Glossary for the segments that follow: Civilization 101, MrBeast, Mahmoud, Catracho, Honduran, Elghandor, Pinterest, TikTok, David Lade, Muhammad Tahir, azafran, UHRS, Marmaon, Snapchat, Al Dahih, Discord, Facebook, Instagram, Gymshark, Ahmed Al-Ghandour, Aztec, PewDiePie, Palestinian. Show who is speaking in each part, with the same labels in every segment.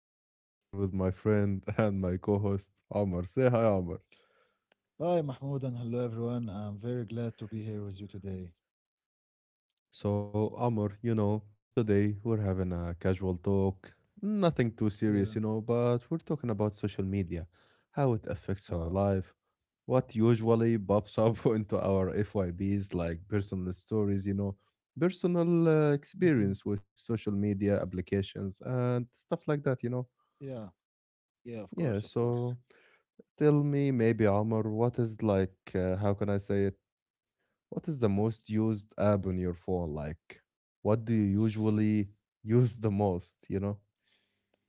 Speaker 1: and I'm here with my friend and my co host, Omar. Say hi, Omar.
Speaker 2: Hi, Mahmoud, and hello, everyone. I'm very glad to be here with you today.
Speaker 1: So, Omar, today we're having a casual talk, nothing too serious,
Speaker 2: Yeah.
Speaker 1: but we're talking about social media, how it affects our
Speaker 2: Wow.
Speaker 1: life, what usually pops up into our FYBs, like personal stories, personal
Speaker 2: Hmm.
Speaker 1: experience with social media applications and stuff like that.
Speaker 2: Yeah. Yeah, of
Speaker 1: Yeah,
Speaker 2: course, of course.
Speaker 1: so tell me maybe Omar, what is like how can I say it? What is the
Speaker 2: Yeah.
Speaker 1: most used app on your phone? Like what do you usually use the most,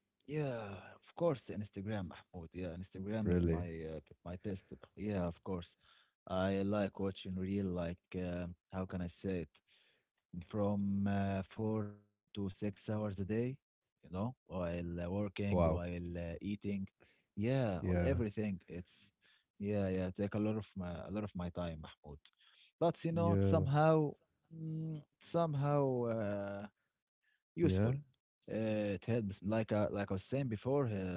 Speaker 2: Yeah, of course, Instagram, Mahmoud. Yeah, Instagram is
Speaker 1: Really?
Speaker 2: my best. Yeah, of course. I like watching real, like, how can I say it? From 4 to 6 hours a day, while working,
Speaker 1: Wow.
Speaker 2: while eating, yeah, on
Speaker 1: Yeah.
Speaker 2: everything. It's Yeah, yeah, take a lot of my time, Mahmoud. But you know,
Speaker 1: Yeah.
Speaker 2: somehow, somehow, useful.
Speaker 1: Yeah.
Speaker 2: It helps, like I was saying before,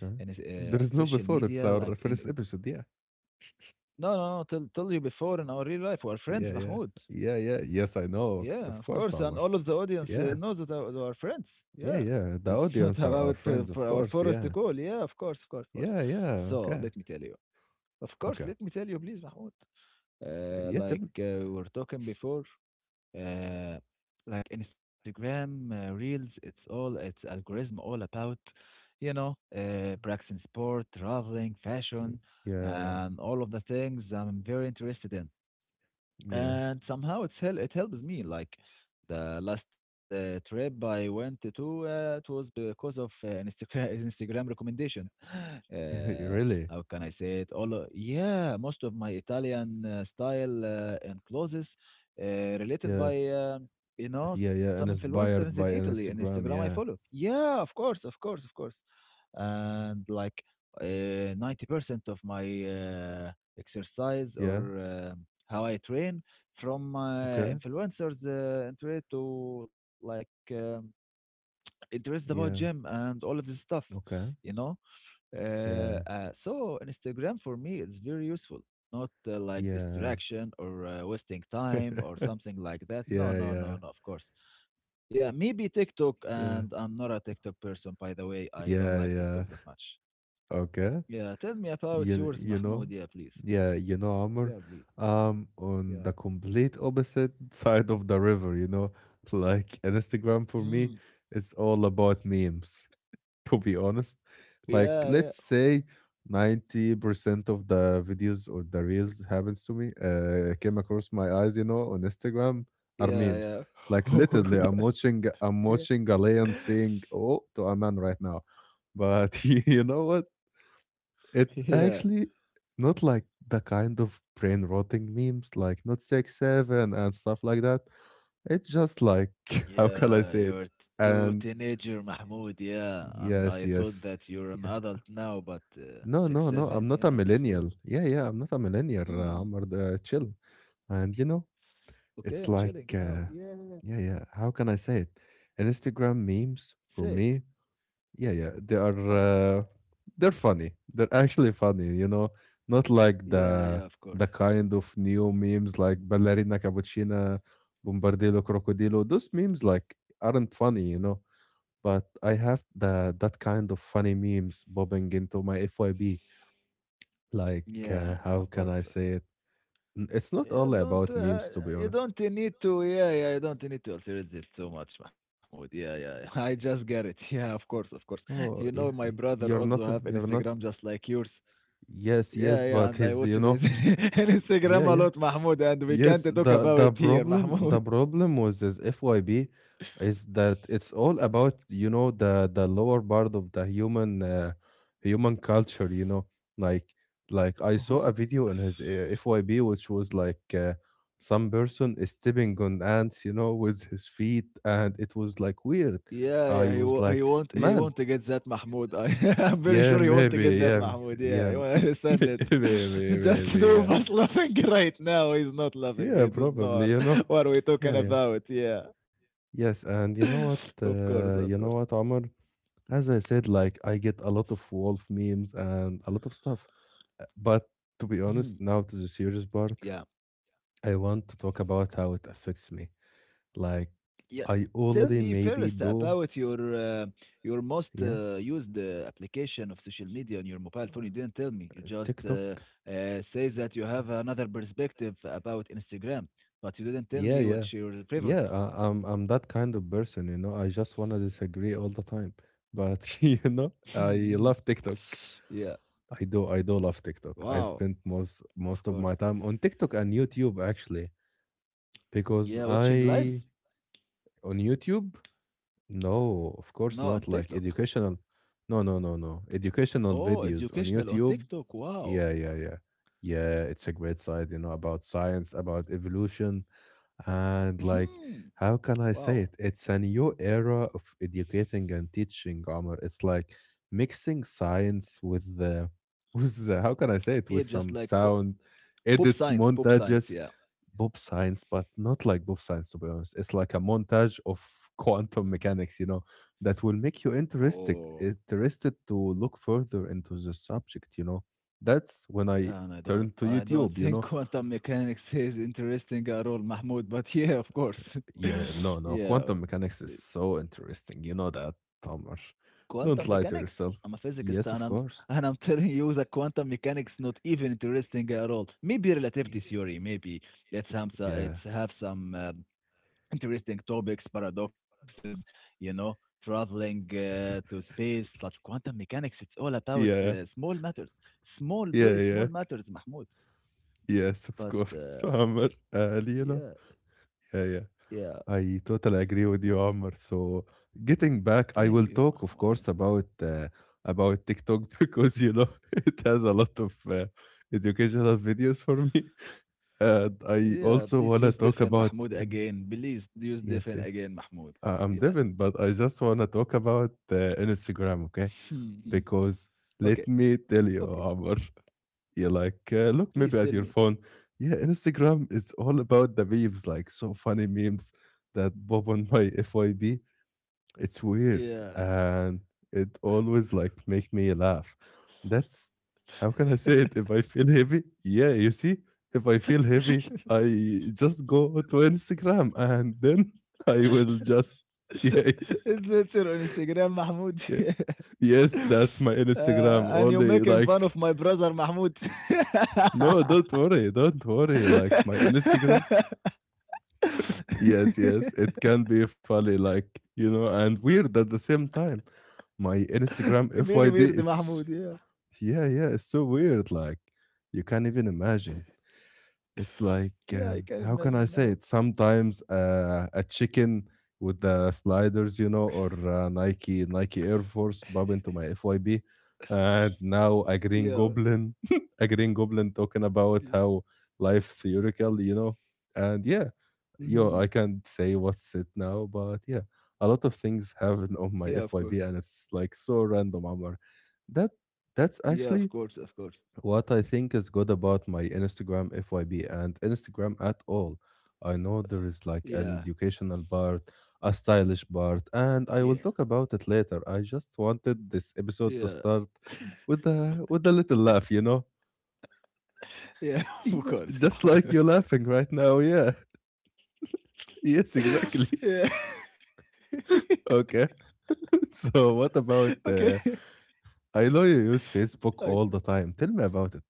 Speaker 2: in
Speaker 1: There is no
Speaker 2: social
Speaker 1: before. It's
Speaker 2: media, like
Speaker 1: our first
Speaker 2: in
Speaker 1: episode. Yeah.
Speaker 2: no, no, no, tell you before in our real life, we're friends,
Speaker 1: Yeah. Yeah.
Speaker 2: Mahmoud.
Speaker 1: Yeah. Yeah. Yes, I know.
Speaker 2: Yeah,
Speaker 1: Of
Speaker 2: of
Speaker 1: course,
Speaker 2: course, and
Speaker 1: Omar.
Speaker 2: all of the audience
Speaker 1: Yeah.
Speaker 2: knows that our friends.
Speaker 1: Yeah.
Speaker 2: Yeah,
Speaker 1: Yeah. The
Speaker 2: it's not
Speaker 1: audience are our
Speaker 2: about for,
Speaker 1: friends. Of
Speaker 2: for our
Speaker 1: course.
Speaker 2: forest to
Speaker 1: Yeah.
Speaker 2: call. Yeah, of course, of course, of course.
Speaker 1: Yeah. Yeah.
Speaker 2: So
Speaker 1: Okay.
Speaker 2: let me tell you. Of course,
Speaker 1: Okay.
Speaker 2: let me tell you, please, Mahmoud.
Speaker 1: Yeah. Tell
Speaker 2: Like
Speaker 1: me.
Speaker 2: we were talking before, uh, like Instagram Reels, it's algorithm all about, practicing sport, traveling, fashion,
Speaker 1: Yeah.
Speaker 2: and all of the things I'm very interested in,
Speaker 1: Yeah.
Speaker 2: and somehow it helps me like the last trip I went to. It was because of an Instagram Instagram recommendation.
Speaker 1: Really?
Speaker 2: How can I say it? Yeah, most of my Italian style and clothes, uh, related
Speaker 1: Yeah.
Speaker 2: by you know,
Speaker 1: Yeah,
Speaker 2: some
Speaker 1: yeah. And
Speaker 2: influencers in
Speaker 1: inspired by
Speaker 2: Italy,
Speaker 1: an
Speaker 2: and Instagram I
Speaker 1: Instagram.
Speaker 2: follow.
Speaker 1: Yeah.
Speaker 2: Yeah, of course, of course, of course. And like, uh, 90% of my exercise,
Speaker 1: Yeah.
Speaker 2: or how I train, from
Speaker 1: Okay.
Speaker 2: influencers, and relate to, like, interest about gym
Speaker 1: Yeah.
Speaker 2: and all of this stuff, you
Speaker 1: Okay.
Speaker 2: know.
Speaker 1: Yeah.
Speaker 2: So Instagram for me is very useful, not like
Speaker 1: Yeah.
Speaker 2: distraction or wasting time or something like that.
Speaker 1: Yeah,
Speaker 2: No, no,
Speaker 1: yeah.
Speaker 2: no, no. Of course, yeah. Maybe TikTok.
Speaker 1: Yeah.
Speaker 2: And I'm not a TikTok person, by the way. I don't
Speaker 1: Yeah,
Speaker 2: like
Speaker 1: yeah.
Speaker 2: TikTok that much.
Speaker 1: Okay.
Speaker 2: Yeah, tell me about
Speaker 1: You
Speaker 2: yours,
Speaker 1: you know?
Speaker 2: Mahmoud. Yeah, please.
Speaker 1: Yeah, you know, Amr,
Speaker 2: Yeah, please.
Speaker 1: on
Speaker 2: Yeah.
Speaker 1: the complete opposite side of the river, like an Instagram for
Speaker 2: Mm.
Speaker 1: me, it's all about memes to be honest.
Speaker 2: Yeah,
Speaker 1: Like,
Speaker 2: yeah,
Speaker 1: let's say 90% of the videos or the reels happens to me, came across my eyes, you know, on Instagram are memes.
Speaker 2: yeah,
Speaker 1: Like literally, I'm watching
Speaker 2: yeah.
Speaker 1: I'm watching a lion saying "oh" to a man right now, but you know what? It
Speaker 2: Yeah.
Speaker 1: actually not like the kind of brain rotting memes, like not 6 7 and stuff like that. It's just like how can I
Speaker 2: Yeah,
Speaker 1: say it?
Speaker 2: you're too
Speaker 1: And
Speaker 2: teenager, Mahmoud. Yeah,
Speaker 1: yes,
Speaker 2: I thought
Speaker 1: yes,
Speaker 2: that you're an
Speaker 1: yes.
Speaker 2: adult now, but,
Speaker 1: No,
Speaker 2: six,
Speaker 1: no, no.
Speaker 2: seven.
Speaker 1: I'm not a
Speaker 2: Yeah, it's fair.
Speaker 1: millennial. Yeah, yeah. I'm not a millennial,
Speaker 2: Hmm.
Speaker 1: am chill. And you know,
Speaker 2: Okay,
Speaker 1: it's
Speaker 2: I'm
Speaker 1: like,
Speaker 2: chilling now. Yeah,
Speaker 1: yeah, yeah. How can I say it? Instagram memes
Speaker 2: say it.
Speaker 1: for me, yeah, yeah. They
Speaker 2: Uh,
Speaker 1: are, they're funny. They're actually funny. You know, not like
Speaker 2: yeah, yeah,
Speaker 1: the
Speaker 2: of course.
Speaker 1: kind of new memes like ballerina cappuccina, bombardillo crocodilo. Those memes like aren't funny. You know, but I have the that kind of funny memes bobbing into my FYB like,
Speaker 2: Yeah, of
Speaker 1: how can
Speaker 2: course.
Speaker 1: I say
Speaker 2: Okay.
Speaker 1: it? It's not
Speaker 2: You
Speaker 1: only
Speaker 2: don't
Speaker 1: about
Speaker 2: uh,
Speaker 1: memes, to be
Speaker 2: you
Speaker 1: honest.
Speaker 2: don't need to, yeah, yeah, you don't need to alter it so much, Mahmoud. Yeah, yeah. I just get it. Yeah, of course, of course. You know,
Speaker 1: Oh,
Speaker 2: my brother also
Speaker 1: you're
Speaker 2: have
Speaker 1: not, you're not.
Speaker 2: Instagram just like yours.
Speaker 1: Yes,
Speaker 2: Yeah,
Speaker 1: yes,
Speaker 2: yeah,
Speaker 1: but
Speaker 2: and I
Speaker 1: he's,
Speaker 2: watch
Speaker 1: you know,
Speaker 2: this Instagram
Speaker 1: yeah,
Speaker 2: a
Speaker 1: yeah.
Speaker 2: lot, Mahmoud, and we can't
Speaker 1: Yes,
Speaker 2: talk
Speaker 1: the
Speaker 2: about
Speaker 1: the
Speaker 2: it here,
Speaker 1: problem
Speaker 2: Mahmoud.
Speaker 1: with this FYB is that it's all about you know the lower part of the human human culture. You know, like I saw a video in his FYB which was like some person is stepping on ants, you know, with his feet, and it was like weird.
Speaker 2: Yeah,
Speaker 1: I
Speaker 2: yeah, he
Speaker 1: was
Speaker 2: wa-
Speaker 1: like,
Speaker 2: he won't he
Speaker 1: man,
Speaker 2: won't get that, Mahmoud. I I'm very
Speaker 1: yeah,
Speaker 2: sure he won't
Speaker 1: maybe,
Speaker 2: get that,
Speaker 1: yeah,
Speaker 2: Mahmoud.
Speaker 1: yeah,
Speaker 2: Yeah, you understand it.
Speaker 1: maybe, maybe,
Speaker 2: Just
Speaker 1: maybe,
Speaker 2: two
Speaker 1: yeah,
Speaker 2: of us laughing right now. He's not laughing.
Speaker 1: yeah,
Speaker 2: He don't know
Speaker 1: probably, you know,
Speaker 2: what we're talking
Speaker 1: yeah, yeah.
Speaker 2: about. Yeah,
Speaker 1: Yes, and
Speaker 2: of course, of course.
Speaker 1: you know what, Omar? As I said, like I get a
Speaker 2: S-
Speaker 1: lot of Wolf memes and a lot of stuff. But to be
Speaker 2: mhm.
Speaker 1: honest, now to the serious part,
Speaker 2: Yeah.
Speaker 1: I want to talk about how it affects me. Like
Speaker 2: Yeah,
Speaker 1: I
Speaker 2: tell me
Speaker 1: only
Speaker 2: first
Speaker 1: maybe
Speaker 2: about
Speaker 1: do,
Speaker 2: your most
Speaker 1: yeah,
Speaker 2: used application of social media on your mobile phone. You didn't tell me. You just
Speaker 1: TikTok.
Speaker 2: say that you have another perspective about Instagram, but you didn't tell
Speaker 1: Yeah,
Speaker 2: me
Speaker 1: yeah,
Speaker 2: what's your
Speaker 1: yeah.
Speaker 2: favorite.
Speaker 1: I'm that kind of person, you know. I just wanna disagree all the time, but you know, I love TikTok.
Speaker 2: Yeah.
Speaker 1: I do love TikTok. I
Speaker 2: Wow.
Speaker 1: spent
Speaker 2: Of
Speaker 1: most of
Speaker 2: course.
Speaker 1: my time on TikTok and YouTube actually because
Speaker 2: Yeah, watching
Speaker 1: I
Speaker 2: lives?
Speaker 1: on YouTube no, of
Speaker 2: No, on
Speaker 1: course not like
Speaker 2: TikTok.
Speaker 1: educational. No, no, no, no. Educational
Speaker 2: Oh,
Speaker 1: videos on
Speaker 2: educational on
Speaker 1: YouTube.
Speaker 2: TikTok. Wow.
Speaker 1: Yeah, yeah, yeah. Yeah, it's a great site. You know, about science, about evolution, and like,
Speaker 2: Mhm.
Speaker 1: how can I say
Speaker 2: Wow.
Speaker 1: it? It's a new era of educating and teaching, Omar. It's like mixing science with the with the, how can I say it
Speaker 2: Yeah,
Speaker 1: with
Speaker 2: just
Speaker 1: some
Speaker 2: like
Speaker 1: sound
Speaker 2: pop
Speaker 1: edits,
Speaker 2: science, pop science.
Speaker 1: montages,
Speaker 2: Yeah.
Speaker 1: pop science, but not like pop science to be honest. It's like a montage of quantum mechanics, you know, that will make you
Speaker 2: Oh.
Speaker 1: interested to look further into the subject, you know. That's when I
Speaker 2: Yeah, and I don't
Speaker 1: turn to
Speaker 2: I don't
Speaker 1: YouTube, you
Speaker 2: think
Speaker 1: know.
Speaker 2: quantum mechanics is interesting at all, Mahmoud, but yeah, of course.
Speaker 1: Yeah, no, no.
Speaker 2: Yeah,
Speaker 1: Quantum mechanics is so interesting. You know that, Tamer.
Speaker 2: quantum
Speaker 1: Don't lie
Speaker 2: mechanics?
Speaker 1: to
Speaker 2: I'm a
Speaker 1: yourself.
Speaker 2: physicist, and
Speaker 1: Yes,
Speaker 2: I'm
Speaker 1: of course.
Speaker 2: telling you that quantum mechanics not even interesting at all. Maybe
Speaker 1: Yeah.
Speaker 2: relativity theory, maybe it's have some,
Speaker 1: Yeah.
Speaker 2: it's have some interesting topics, paradoxes, you know, traveling to space. But quantum mechanics, it's all about
Speaker 1: Yeah,
Speaker 2: small matters, small,
Speaker 1: yeah,
Speaker 2: very small
Speaker 1: yeah.
Speaker 2: matters, Mahmoud.
Speaker 1: Yes, of
Speaker 2: But,
Speaker 1: course, Amr. Leela.
Speaker 2: yeah.
Speaker 1: Yeah, yeah.
Speaker 2: Yeah,
Speaker 1: I totally agree with you, Amr. So, getting back,
Speaker 2: thank
Speaker 1: I
Speaker 2: you,
Speaker 1: will
Speaker 2: Mahmoud.
Speaker 1: talk, of course, about TikTok because you know it has a lot of educational videos for me, and I
Speaker 2: Yeah,
Speaker 1: also
Speaker 2: please
Speaker 1: wanna
Speaker 2: use
Speaker 1: talk
Speaker 2: Defen
Speaker 1: about.
Speaker 2: Mahmoud again. Please use
Speaker 1: Yes,
Speaker 2: Defen
Speaker 1: yes.
Speaker 2: again, Mahmoud. Yeah.
Speaker 1: I'm Devin, but I just want to talk about Instagram, okay? Because
Speaker 2: Okay,
Speaker 1: let me tell you,
Speaker 2: okay.
Speaker 1: Amr, you like, look maybe
Speaker 2: Please
Speaker 1: at
Speaker 2: tell
Speaker 1: your
Speaker 2: me.
Speaker 1: phone. Yeah, Instagram is all about the memes, like so funny memes that pop on my FYB. It's weird,
Speaker 2: Yeah.
Speaker 1: and it always like make me laugh. That's how can I say it? If I feel heavy, yeah, you see, if I feel heavy, I just go to Instagram and then I will just yeah,
Speaker 2: It's later on Instagram, Mahmoud.
Speaker 1: yeah. Yes, that's my Instagram.
Speaker 2: And you're
Speaker 1: Only
Speaker 2: making fun
Speaker 1: like
Speaker 2: of my brother, Mahmoud.
Speaker 1: no, don't worry, don't worry. Like my Instagram. Yes, yes, it can be funny, like you know, and weird at the same time. My Instagram
Speaker 2: Very weird,
Speaker 1: FYB
Speaker 2: Mahmoud.
Speaker 1: is
Speaker 2: Yeah.
Speaker 1: yeah, yeah, it's so weird. Like, you can't even imagine. It's like,
Speaker 2: Yeah, I can
Speaker 1: how can I
Speaker 2: imagine
Speaker 1: say
Speaker 2: now.
Speaker 1: it? Sometimes a chicken with the sliders, you know, or Nike Air Force bob into my FYB, and now a green
Speaker 2: Yeah.
Speaker 1: goblin, a green goblin talking about
Speaker 2: Yeah.
Speaker 1: how life theoretical, you know, and yeah, yo, I
Speaker 2: Hmm.
Speaker 1: can't say what's it now, but yeah, a lot of things happen
Speaker 2: Yeah,
Speaker 1: on
Speaker 2: of
Speaker 1: my
Speaker 2: course.
Speaker 1: FYB, and it's like so random, Amar. That that's
Speaker 2: Yeah, of
Speaker 1: actually
Speaker 2: course, of course.
Speaker 1: what I think is good about my Instagram FYB and Instagram at all. I know there is like an
Speaker 2: Yeah,
Speaker 1: educational part, a stylish part, and
Speaker 2: yeah,
Speaker 1: I will talk about it later. I just wanted this
Speaker 2: yeah.
Speaker 1: episode to start with a little laugh, you know?
Speaker 2: Yeah, of
Speaker 1: Yeah,
Speaker 2: course,
Speaker 1: just like you're laughing right now. Yeah. Yes, exactly.
Speaker 2: yeah.
Speaker 1: Okay. So what about
Speaker 2: Okay.
Speaker 1: I know you use
Speaker 2: Right.
Speaker 1: Facebook all the time. Tell me about it.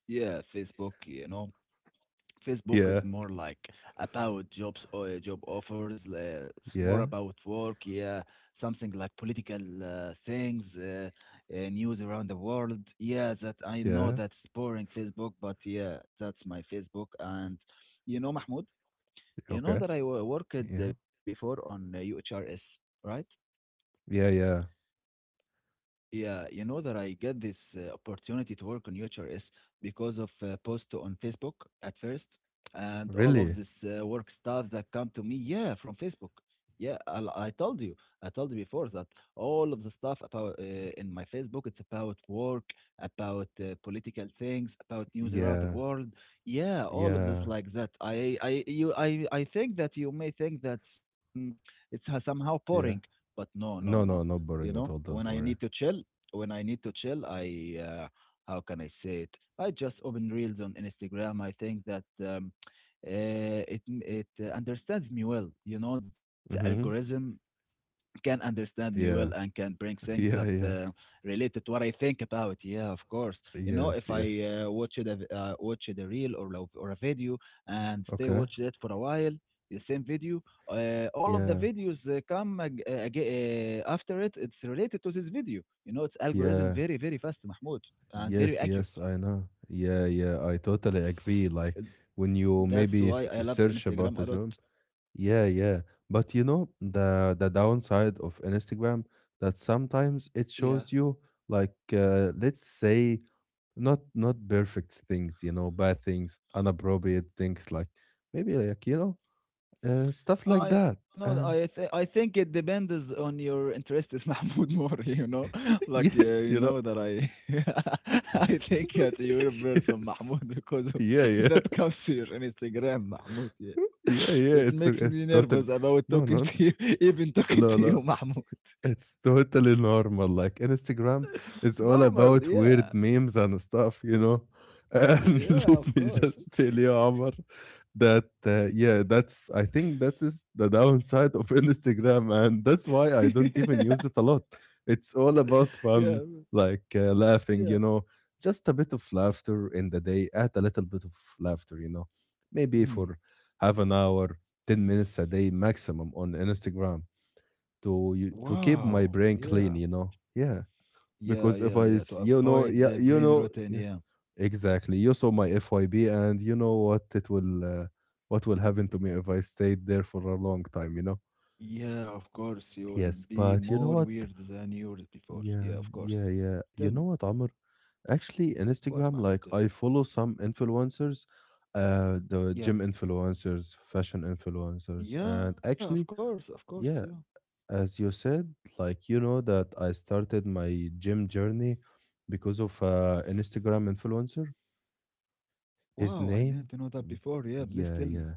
Speaker 2: Yeah, Facebook, you know, Facebook
Speaker 1: Yeah.
Speaker 2: is more like about jobs or job offers. It's more
Speaker 1: Yeah.
Speaker 2: about work. Yeah, something like political things, news around the world. Yeah, that I know
Speaker 1: Yeah.
Speaker 2: that's boring Facebook, but yeah, that's my Facebook. And you know, Mahmoud, you know
Speaker 1: Okay.
Speaker 2: that I worked,
Speaker 1: Yeah.
Speaker 2: before, on UHRS, right?
Speaker 1: Yeah. Yeah.
Speaker 2: Yeah, you know that I get this opportunity to work on UHRS because of a post on Facebook at first, and all of
Speaker 1: Really?
Speaker 2: this work stuff that come to me, yeah, from Facebook. Yeah, I told you before that all of the stuff about, in my Facebook, it's about work, about political things, about news around the
Speaker 1: Yeah.
Speaker 2: world. Yeah, all of this
Speaker 1: Yeah.
Speaker 2: like that. I think that you may think it's somehow boring,
Speaker 1: Yeah.
Speaker 2: but no, no, no.
Speaker 1: No, no, not
Speaker 2: You know,
Speaker 1: boring at all,
Speaker 2: when I
Speaker 1: don't
Speaker 2: need to
Speaker 1: worry.
Speaker 2: chill, when I need to chill, I how can I say it? I just open reels on Instagram. I think that it understands me well. You know, its
Speaker 1: Mm-hmm.
Speaker 2: algorithm can understand me well and
Speaker 1: Yeah.
Speaker 2: can bring things that,
Speaker 1: Yeah, yeah.
Speaker 2: related to what I think about. Yeah, of course. You know,
Speaker 1: Yes,
Speaker 2: if I
Speaker 1: yes.
Speaker 2: watch it a reel, or or a video, and stay
Speaker 1: Okay.
Speaker 2: watching it for a while, the same video, all of the
Speaker 1: Yeah,
Speaker 2: videos come ag- aga after it. It's related to this video. You know, its algorithm
Speaker 1: yeah.
Speaker 2: very very fast, Mahmoud, and very
Speaker 1: Yes,
Speaker 2: accurate.
Speaker 1: yes, I know. Yeah, yeah, I totally agree. Like
Speaker 2: Uh,
Speaker 1: when you
Speaker 2: That's
Speaker 1: maybe
Speaker 2: why I love
Speaker 1: search
Speaker 2: Instagram
Speaker 1: about a
Speaker 2: a lot.
Speaker 1: job. Yeah, yeah. But you know the downside of Instagram that sometimes it
Speaker 2: Yeah.
Speaker 1: shows you like let's say not perfect things, you know, bad things, inappropriate things, like maybe like you know, stuff like that.
Speaker 2: I know.
Speaker 1: Uh,
Speaker 2: I think it depends on your interests, Mahmoud, more. You know, like,
Speaker 1: yes,
Speaker 2: you
Speaker 1: you know,
Speaker 2: know that I I think that you're a person,
Speaker 1: yes,
Speaker 2: Mahmoud, because of
Speaker 1: yeah, yeah,
Speaker 2: that comes to your Instagram, Mahmoud. Yeah.
Speaker 1: yeah, yeah.
Speaker 2: It
Speaker 1: It's
Speaker 2: makes me
Speaker 1: totally
Speaker 2: nervous about
Speaker 1: no,
Speaker 2: talking
Speaker 1: no,
Speaker 2: to you, even talking
Speaker 1: no,
Speaker 2: to
Speaker 1: no.
Speaker 2: you, Mahmoud.
Speaker 1: It's totally normal. Like Instagram is all
Speaker 2: Normal,
Speaker 1: about weird
Speaker 2: yeah.
Speaker 1: memes and stuff, you know. And
Speaker 2: Yeah,
Speaker 1: let
Speaker 2: of
Speaker 1: me
Speaker 2: course.
Speaker 1: just tell you, Omar, that yeah, that's I think that is the downside of Instagram, and that's why I don't even use it a lot. It's all about fun,
Speaker 2: Yeah,
Speaker 1: like laughing, you
Speaker 2: yeah.
Speaker 1: know, just a bit of laughter in the day. Add a little bit of laughter, you know, maybe for
Speaker 2: Mhm.
Speaker 1: half an hour, 10 minutes a day maximum on Instagram to you to keep my
Speaker 2: Wow.
Speaker 1: brain clean you
Speaker 2: Yeah.
Speaker 1: know yeah because if
Speaker 2: Yeah,
Speaker 1: I
Speaker 2: yeah, yeah. To avoid
Speaker 1: you
Speaker 2: the
Speaker 1: know
Speaker 2: brain
Speaker 1: yeah
Speaker 2: rotten, yeah.
Speaker 1: exactly you saw my FYB and you know what it will what will happen to me if I stayed there for a long time you know
Speaker 2: Yeah, of course, you will
Speaker 1: yes
Speaker 2: be
Speaker 1: but
Speaker 2: more
Speaker 1: you know what
Speaker 2: weird than you were before. Yeah, of
Speaker 1: yeah
Speaker 2: course.
Speaker 1: yeah yeah
Speaker 2: Tell
Speaker 1: you
Speaker 2: me,
Speaker 1: know what Amr actually in
Speaker 2: what,
Speaker 1: Instagram
Speaker 2: Mahmoud?
Speaker 1: like
Speaker 2: Tell me.
Speaker 1: I follow some influencers the
Speaker 2: Yeah,
Speaker 1: gym influencers fashion influencers and
Speaker 2: yeah,
Speaker 1: actually
Speaker 2: of course, yeah.
Speaker 1: yeah. As you said, like you know that I started my gym journey because of an Instagram influencer. His
Speaker 2: Wow, I
Speaker 1: name?
Speaker 2: didn't know that
Speaker 1: Mm,
Speaker 2: before. Yeah, please
Speaker 1: yeah,
Speaker 2: tell me.
Speaker 1: yeah.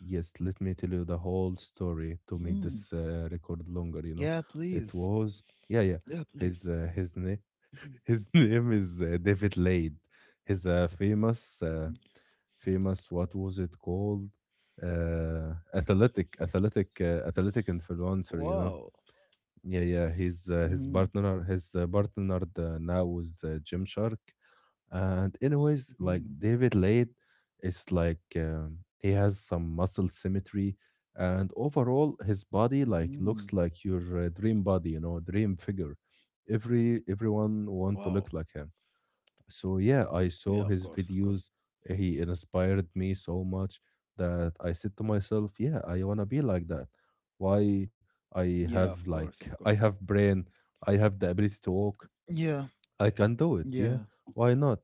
Speaker 1: Yes, let me tell you the whole story to make
Speaker 2: Hmm.
Speaker 1: this record longer,
Speaker 2: Yeah,
Speaker 1: you know.
Speaker 2: please.
Speaker 1: It was yeah,
Speaker 2: Yeah,
Speaker 1: yeah.
Speaker 2: please.
Speaker 1: His name
Speaker 2: Mhm.
Speaker 1: his name is David Lade. He's a famous famous what was it called? Athletic athletic influencer,
Speaker 2: Wow.
Speaker 1: you know yeah, yeah.
Speaker 2: Hmm.
Speaker 1: His partner now is Gymshark. And anyways, like
Speaker 2: Hmm.
Speaker 1: David Lade is like he has some muscle symmetry, and overall his body
Speaker 2: Hmm.
Speaker 1: like looks like your dream body, you know, dream figure. Everyone
Speaker 2: Wow.
Speaker 1: want to look like him. So yeah, I
Speaker 2: Yeah, of
Speaker 1: saw his
Speaker 2: course, of course.
Speaker 1: videos. He inspired me so much that I said to myself, yeah, I want to be like that. Why
Speaker 2: Yeah,
Speaker 1: I
Speaker 2: of
Speaker 1: have
Speaker 2: course, of
Speaker 1: like
Speaker 2: course.
Speaker 1: I have brain, I have the ability to walk.
Speaker 2: Yeah,
Speaker 1: I can do it.
Speaker 2: yeah,
Speaker 1: Yeah. Why not?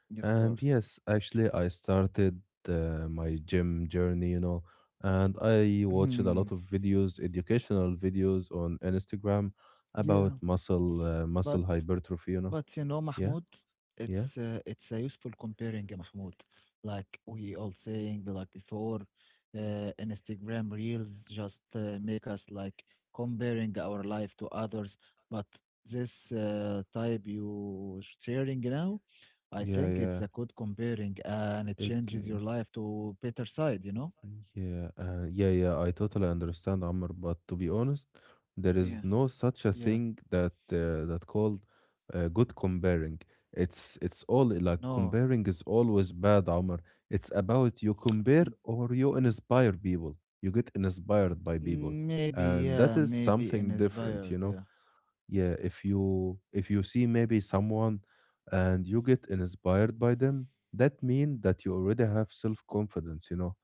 Speaker 2: yeah, of
Speaker 1: And
Speaker 2: course.
Speaker 1: yes, actually I started my gym journey, you know, and I watched a
Speaker 2: Hmm.
Speaker 1: lot of videos, educational videos on Instagram
Speaker 2: Yeah,
Speaker 1: about
Speaker 2: but.
Speaker 1: muscle hypertrophy, you know.
Speaker 2: But you know, Mahmoud,
Speaker 1: Yeah.
Speaker 2: it's
Speaker 1: Yeah.
Speaker 2: uh, it's a useful comparing, Mahmoud. Like we all saying like before, Instagram Reels just make us like comparing our life to others. But this type you sharing now, I
Speaker 1: Yeah,
Speaker 2: think it's
Speaker 1: yeah.
Speaker 2: a good comparing, and it
Speaker 1: It,
Speaker 2: changes your life to better side. You know?
Speaker 1: yeah, yeah, yeah. I totally understand, Amr. But to be honest,
Speaker 2: Yeah.
Speaker 1: there is no such
Speaker 2: Yeah.
Speaker 1: a thing that called good comparing. It's all like
Speaker 2: No.
Speaker 1: comparing is always bad, Amr. It's about you compare
Speaker 2: N-
Speaker 1: or you inspire people. You get inspired by people,
Speaker 2: Maybe.
Speaker 1: and that
Speaker 2: Yeah.
Speaker 1: is
Speaker 2: Maybe
Speaker 1: something different,
Speaker 2: inspired.
Speaker 1: you
Speaker 2: Yeah.
Speaker 1: know. Yeah, if you see maybe someone and you get inspired by them, that means that you already have self confidence, you know,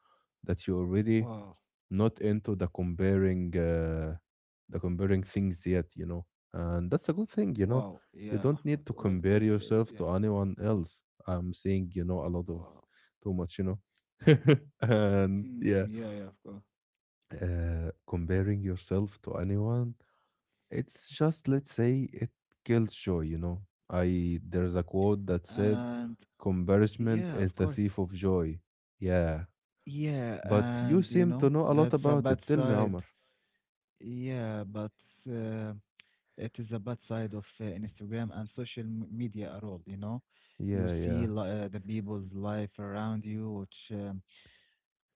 Speaker 1: that you already
Speaker 2: Wow.
Speaker 1: not into the comparing things yet, you know, and that's a good thing, you
Speaker 2: Wow,
Speaker 1: know.
Speaker 2: yeah,
Speaker 1: You don't
Speaker 2: Mahmoud.
Speaker 1: need to
Speaker 2: Well, well
Speaker 1: compare
Speaker 2: said.
Speaker 1: yourself
Speaker 2: Yeah.
Speaker 1: to anyone else, I'm saying, a lot of,
Speaker 2: Wow.
Speaker 1: too much. And
Speaker 2: Hmm,
Speaker 1: yeah,
Speaker 2: yeah, yeah, of course.
Speaker 1: comparing yourself to anyone, it's just, let's say it, kills joy, you know. I There's a quote that said,
Speaker 2: And
Speaker 1: "Comparison
Speaker 2: yeah, of
Speaker 1: is the
Speaker 2: course.
Speaker 1: thief of joy." Yeah.
Speaker 2: Yeah,
Speaker 1: But you
Speaker 2: and you
Speaker 1: seem to
Speaker 2: know,
Speaker 1: know a lot
Speaker 2: that's a
Speaker 1: about
Speaker 2: bad
Speaker 1: it. Tell me,
Speaker 2: side.
Speaker 1: Omar.
Speaker 2: Yeah, but uh, it is a bad side of Instagram and social media at all, you know. You
Speaker 1: Yeah,
Speaker 2: see
Speaker 1: yeah,
Speaker 2: the people's life around you, which,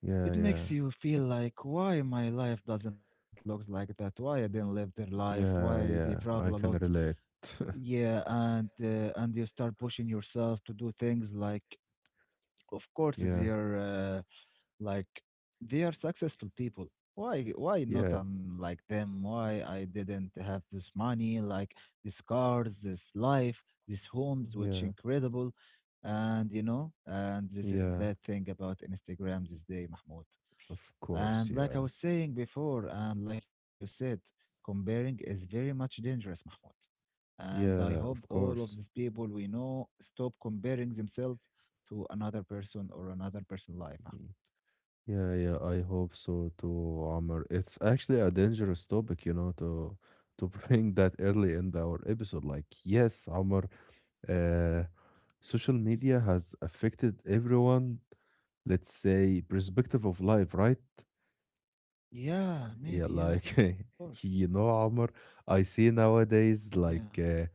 Speaker 1: yeah,
Speaker 2: it
Speaker 1: yeah,
Speaker 2: makes you feel like, why my life doesn't look like that? Why I didn't live their life? Why
Speaker 1: yeah,
Speaker 2: they
Speaker 1: yeah.
Speaker 2: travel a
Speaker 1: I
Speaker 2: lot?
Speaker 1: can relate.
Speaker 2: Yeah, and and you start pushing yourself to do things like, of course,
Speaker 1: Yeah,
Speaker 2: they're like they are successful people. Why not
Speaker 1: yeah,
Speaker 2: I'm like them? Why I didn't have this money, like these cars, this life, these homes, which
Speaker 1: yeah,
Speaker 2: incredible. And you know, and this is
Speaker 1: yeah.
Speaker 2: bad thing about Instagram this day, Mahmoud.
Speaker 1: Of course,
Speaker 2: And like I
Speaker 1: yeah,
Speaker 2: was saying before, and like you said, comparing is very much dangerous, Mahmoud. And I
Speaker 1: yeah,
Speaker 2: hope
Speaker 1: of
Speaker 2: all of
Speaker 1: course.
Speaker 2: these people we know stop comparing themselves to another person or another person's life. Ah,
Speaker 1: Yeah, yeah, I hope so too, Amr. It's actually a dangerous topic, you know, to to bring that early in our episode. Like, yes, Amr, uh, social media has affected everyone, let's say, perspective of life, right?
Speaker 2: yeah,
Speaker 1: Yeah,
Speaker 2: maybe. Yeah, of
Speaker 1: like
Speaker 2: course.
Speaker 1: you know, Omar, I see nowadays
Speaker 2: Yeah.
Speaker 1: like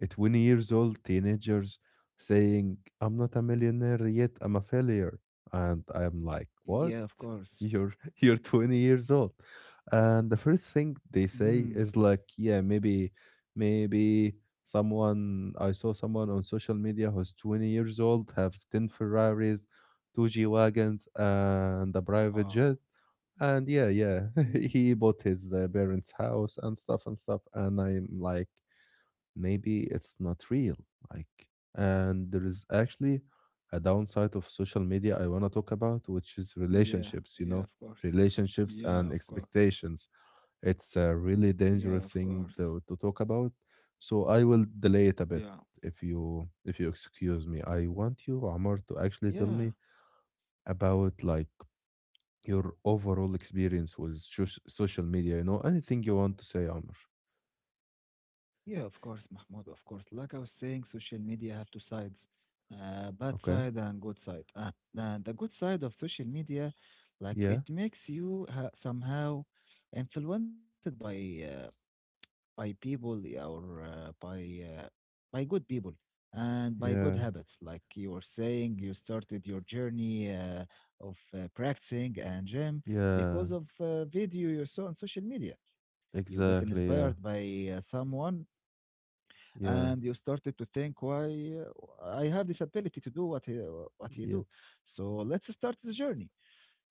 Speaker 1: a 20 years old teenagers saying, "I'm not a millionaire yet. I'm a failure," and I'm like, "What?
Speaker 2: Yeah, of course.
Speaker 1: You're you're 20 years old?" And the first thing they
Speaker 2: Hmm.
Speaker 1: say is like, "Yeah, maybe, maybe." Someone I saw someone on social media who's 20 years old have 10 Ferraris, two G wagons, and a private
Speaker 2: Oh.
Speaker 1: jet, and yeah, yeah,
Speaker 2: Mhm.
Speaker 1: he bought his parents' house and stuff and stuff. And I'm like, maybe it's not real. Like, and there is actually a downside of social media I want to talk about, which is
Speaker 2: Yeah.
Speaker 1: relationships, you
Speaker 2: Yeah, of
Speaker 1: know,
Speaker 2: course.
Speaker 1: relationships
Speaker 2: Yeah,
Speaker 1: and
Speaker 2: of course.
Speaker 1: expectations. It's a really
Speaker 2: Yeah, of
Speaker 1: dangerous
Speaker 2: course.
Speaker 1: thing to talk about. So I will delay it a
Speaker 2: Yeah.
Speaker 1: bit if you excuse me. I want you, Amar, to actually tell
Speaker 2: Yeah.
Speaker 1: me about, like, your overall experience with social media, you know, anything you want to say, Amr.
Speaker 2: Yeah, of course, Mahmoud, of course. Like I was saying, social media have two sides, bad
Speaker 1: Okay.
Speaker 2: side and good side. And the good side of social media, like
Speaker 1: Yeah,
Speaker 2: it makes you ha somehow influenced by, uh, by people yeah, or by uh, by good people and by good
Speaker 1: yeah,
Speaker 2: habits. Like you were saying, you started your journey of practicing and gym because
Speaker 1: yeah,
Speaker 2: of video you saw on social media. You get inspired
Speaker 1: exactly.
Speaker 2: by
Speaker 1: Yeah,
Speaker 2: someone, and you
Speaker 1: yeah,
Speaker 2: started to think, "Why I have this ability to do what he
Speaker 1: yeah,
Speaker 2: do? So let's start this journey,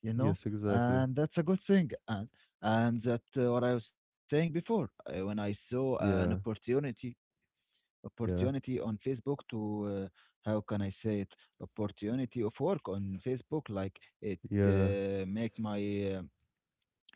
Speaker 2: you know,
Speaker 1: yes, exactly.
Speaker 2: and that's a good thing." And that, what I was saying before, when I saw an
Speaker 1: Yeah, yeah,
Speaker 2: opportunity on Facebook to how can I say it, opportunity of work on Facebook, like it
Speaker 1: yeah,
Speaker 2: make my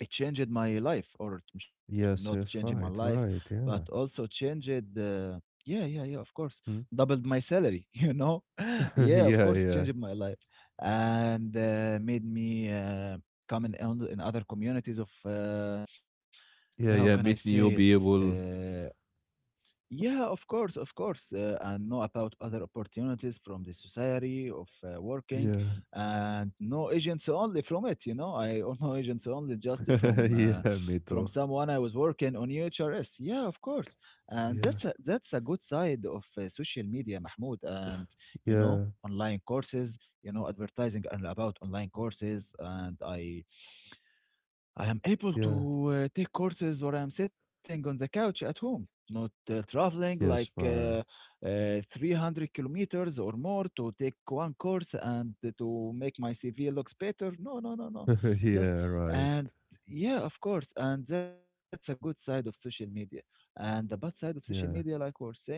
Speaker 2: it changed my life, or it ch- not
Speaker 1: yes,
Speaker 2: changing my
Speaker 1: yes,
Speaker 2: life
Speaker 1: right, right.
Speaker 2: but
Speaker 1: Yeah.
Speaker 2: also changed uh, yeah yeah yeah of course
Speaker 1: Hmm.
Speaker 2: doubled my salary yeah of
Speaker 1: Yeah,
Speaker 2: course it
Speaker 1: yeah,
Speaker 2: changed my life and made me come in, on- in other communities of how can
Speaker 1: yeah,
Speaker 2: I
Speaker 1: yeah. Meet
Speaker 2: say it
Speaker 1: new people.
Speaker 2: uh, yeah, of course, and know about other opportunities from the society of working,
Speaker 1: Yeah,
Speaker 2: and no agents only from it. I don't know agents only just
Speaker 1: yeah, me
Speaker 2: from
Speaker 1: too.
Speaker 2: someone I was working on UHRS. Yeah, of course, and
Speaker 1: Yeah,
Speaker 2: that's a good side of social media, Mahmoud, and
Speaker 1: yeah,
Speaker 2: online courses. You know, advertising and about online courses, and I am able
Speaker 1: yeah,
Speaker 2: to take courses where I'm sitting on the couch at home, not traveling like
Speaker 1: yes, right.
Speaker 2: 300 kilometers or more to take one course and to make my CV looks better. No, no, no, no. Just
Speaker 1: Yeah, right.
Speaker 2: and yeah, of course. And that's a good side of social media. And the bad side of social media, like we
Speaker 1: Yeah,
Speaker 2: were saying before,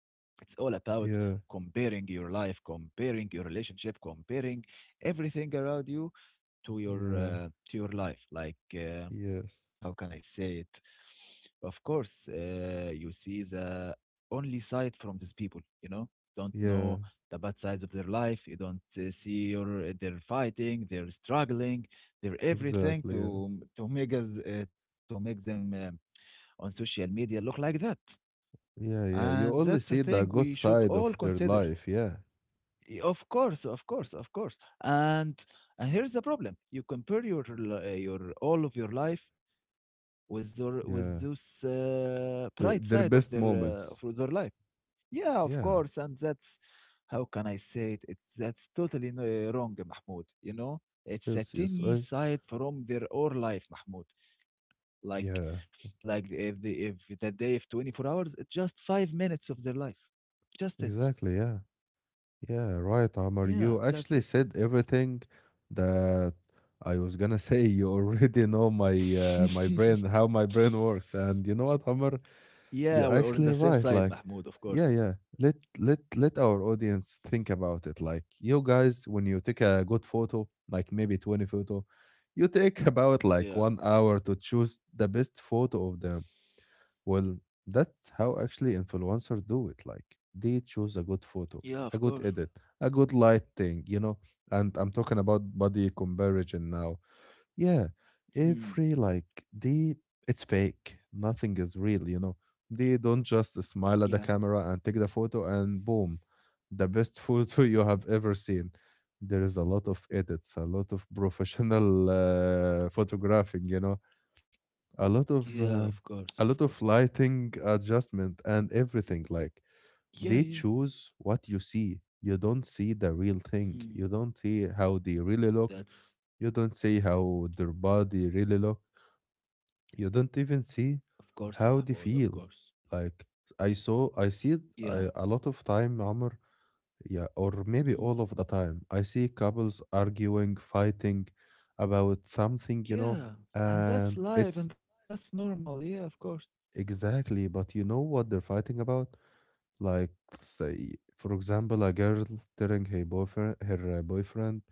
Speaker 2: it's all about
Speaker 1: yeah,
Speaker 2: comparing your life, comparing your relationship, comparing everything around you
Speaker 1: yeah,
Speaker 2: to your life, like how
Speaker 1: yes.
Speaker 2: can I say it, of course you see the only side from these people. Don't
Speaker 1: Yeah,
Speaker 2: know the bad sides of their life. You don't see your they're fighting, they're struggling, they're everything
Speaker 1: exactly.
Speaker 2: to
Speaker 1: Yeah,
Speaker 2: make us to make them on social media look like that.
Speaker 1: yeah, yeah.
Speaker 2: And
Speaker 1: You
Speaker 2: that's
Speaker 1: only
Speaker 2: a
Speaker 1: see
Speaker 2: thing
Speaker 1: the
Speaker 2: we
Speaker 1: good
Speaker 2: should
Speaker 1: side
Speaker 2: all
Speaker 1: of their
Speaker 2: consider.
Speaker 1: life. Yeah,
Speaker 2: Y- Of course, of course, of course. And here's the problem: you compare your l- your all of your life with their, with
Speaker 1: yeah.
Speaker 2: this bright side
Speaker 1: Their best
Speaker 2: of
Speaker 1: moments.
Speaker 2: their life. Yeah, of course,
Speaker 1: Yeah.
Speaker 2: and that's how can I say it? It's that's totally no- wrong, Mahmoud. You know, it's a
Speaker 1: Yes. Yes.
Speaker 2: tiny
Speaker 1: I,
Speaker 2: side from their own life, Mahmoud. Like
Speaker 1: yeah.
Speaker 2: if the day of 24 hours, it's just 5 minutes of their life. Just it.
Speaker 1: Exactly. Yeah. Yeah. Right, Amar.
Speaker 2: Yeah,
Speaker 1: You
Speaker 2: that's it,
Speaker 1: actually said everything that I was gonna say. You already know my brain, how my brain works, and you know what, Amar?
Speaker 2: yeah, we are
Speaker 1: You're
Speaker 2: on the same
Speaker 1: actually
Speaker 2: side,
Speaker 1: right. Like,
Speaker 2: Mahmoud, of course.
Speaker 1: yeah, yeah. Let let let our audience think about it. Like, you guys, when you take a good photo, like maybe 20 photo, you take about, like,
Speaker 2: Yeah,
Speaker 1: 1 hour to choose the best photo of them. Well, that's how actually influencers do it. Like, they choose a good
Speaker 2: yeah,
Speaker 1: photo,
Speaker 2: of
Speaker 1: a
Speaker 2: course.
Speaker 1: good edit, a good lighting. You know, and I'm talking about body comparison now. Yeah,
Speaker 2: Hmm.
Speaker 1: every like they it's fake. Nothing is real, you know. They don't just
Speaker 2: Yeah,
Speaker 1: smile at the camera and take the photo and boom, the best photo you have ever seen. There is a lot of edits, a lot of professional photographing, you know, a lot
Speaker 2: yeah,
Speaker 1: of
Speaker 2: of
Speaker 1: uh,
Speaker 2: course, of course.
Speaker 1: a lot of lighting adjustment and everything. Like
Speaker 2: Yeah, yeah.
Speaker 1: they choose what you see. You don't see the real thing.
Speaker 2: Hmm.
Speaker 1: You don't see how they really look.
Speaker 2: That's,
Speaker 1: You don't see how their body really look. You don't even
Speaker 2: of
Speaker 1: see
Speaker 2: course, Mahmoud,
Speaker 1: how they
Speaker 2: of course.
Speaker 1: feel. Like, I see it
Speaker 2: Yeah.
Speaker 1: I, a lot of time, Amr. Yeah, or maybe
Speaker 2: Hmm.
Speaker 1: all of the time. I see couples arguing, fighting about something, you know.
Speaker 2: Yeah, and that's
Speaker 1: And
Speaker 2: life, and
Speaker 1: it's
Speaker 2: that's normal. Yeah, of course.
Speaker 1: Exactly. But you know what they're fighting about? Like, say, for example, a girl telling her boyfriend,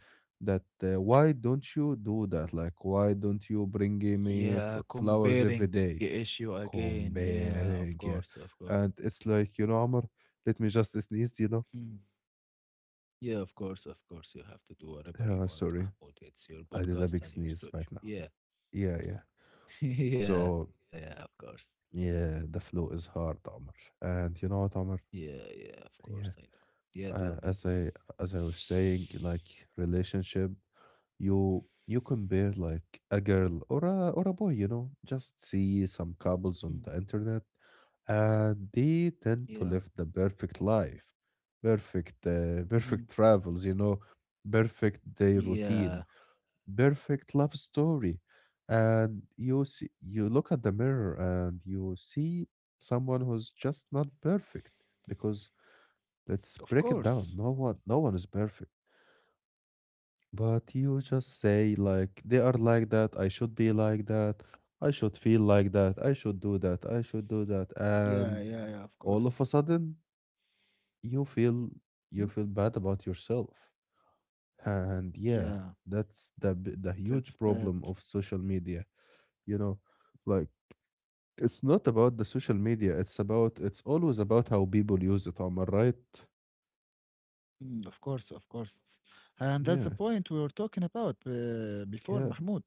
Speaker 1: that why don't you do that? Like, why don't you bring me
Speaker 2: Yeah,
Speaker 1: flowers every
Speaker 2: comparing
Speaker 1: day?
Speaker 2: issue again. Yeah, of
Speaker 1: Comparing,
Speaker 2: course,
Speaker 1: yeah.
Speaker 2: of course.
Speaker 1: And it's like, you know, Amr, let me just sneeze, you know.
Speaker 2: Hmm. Yeah, of course, of course. You have to do whatever you
Speaker 1: Uh,
Speaker 2: want,
Speaker 1: sorry,
Speaker 2: Mahmoud. It's your
Speaker 1: I did a
Speaker 2: podcast
Speaker 1: big
Speaker 2: and your
Speaker 1: sneeze right
Speaker 2: studio.
Speaker 1: now.
Speaker 2: Yeah.
Speaker 1: Yeah, yeah.
Speaker 2: yeah,
Speaker 1: So,
Speaker 2: yeah, of course.
Speaker 1: yeah, the flu is hard, Amr. And you know what, Amr?
Speaker 2: Yeah, yeah, of course, I
Speaker 1: Yeah.
Speaker 2: know. Yeah, tell
Speaker 1: uh,
Speaker 2: me.
Speaker 1: as I as I was saying, like relationship, you compare like a girl or a boy, you know, just see some
Speaker 2: Hmm.
Speaker 1: couples on the internet, and they tend
Speaker 2: Yeah.
Speaker 1: to live the perfect life, perfect uh,
Speaker 2: Mhm.
Speaker 1: perfect travels, you know, perfect day routine,
Speaker 2: Yeah,
Speaker 1: perfect love story, and you look at the mirror and you see someone who's just not perfect. Because
Speaker 2: of
Speaker 1: Let's break it
Speaker 2: course.
Speaker 1: down. No one, no one is perfect. But you just say like they are like that. I should be like that. I should feel like that. I should do that. I should do that.
Speaker 2: Yeah, yeah,
Speaker 1: And
Speaker 2: yeah, of course.
Speaker 1: all of a sudden, you feel
Speaker 2: Hmm?
Speaker 1: you feel bad about yourself. And yeah,
Speaker 2: Yeah,
Speaker 1: that's the huge
Speaker 2: that's bad.
Speaker 1: problem of social media. You know, like it's not about the social media. It's always about how people use it. Am I right?
Speaker 2: Mm, of course, of course. And that's the
Speaker 1: Yeah,
Speaker 2: point we were talking about before,
Speaker 1: yeah,
Speaker 2: Mahmoud.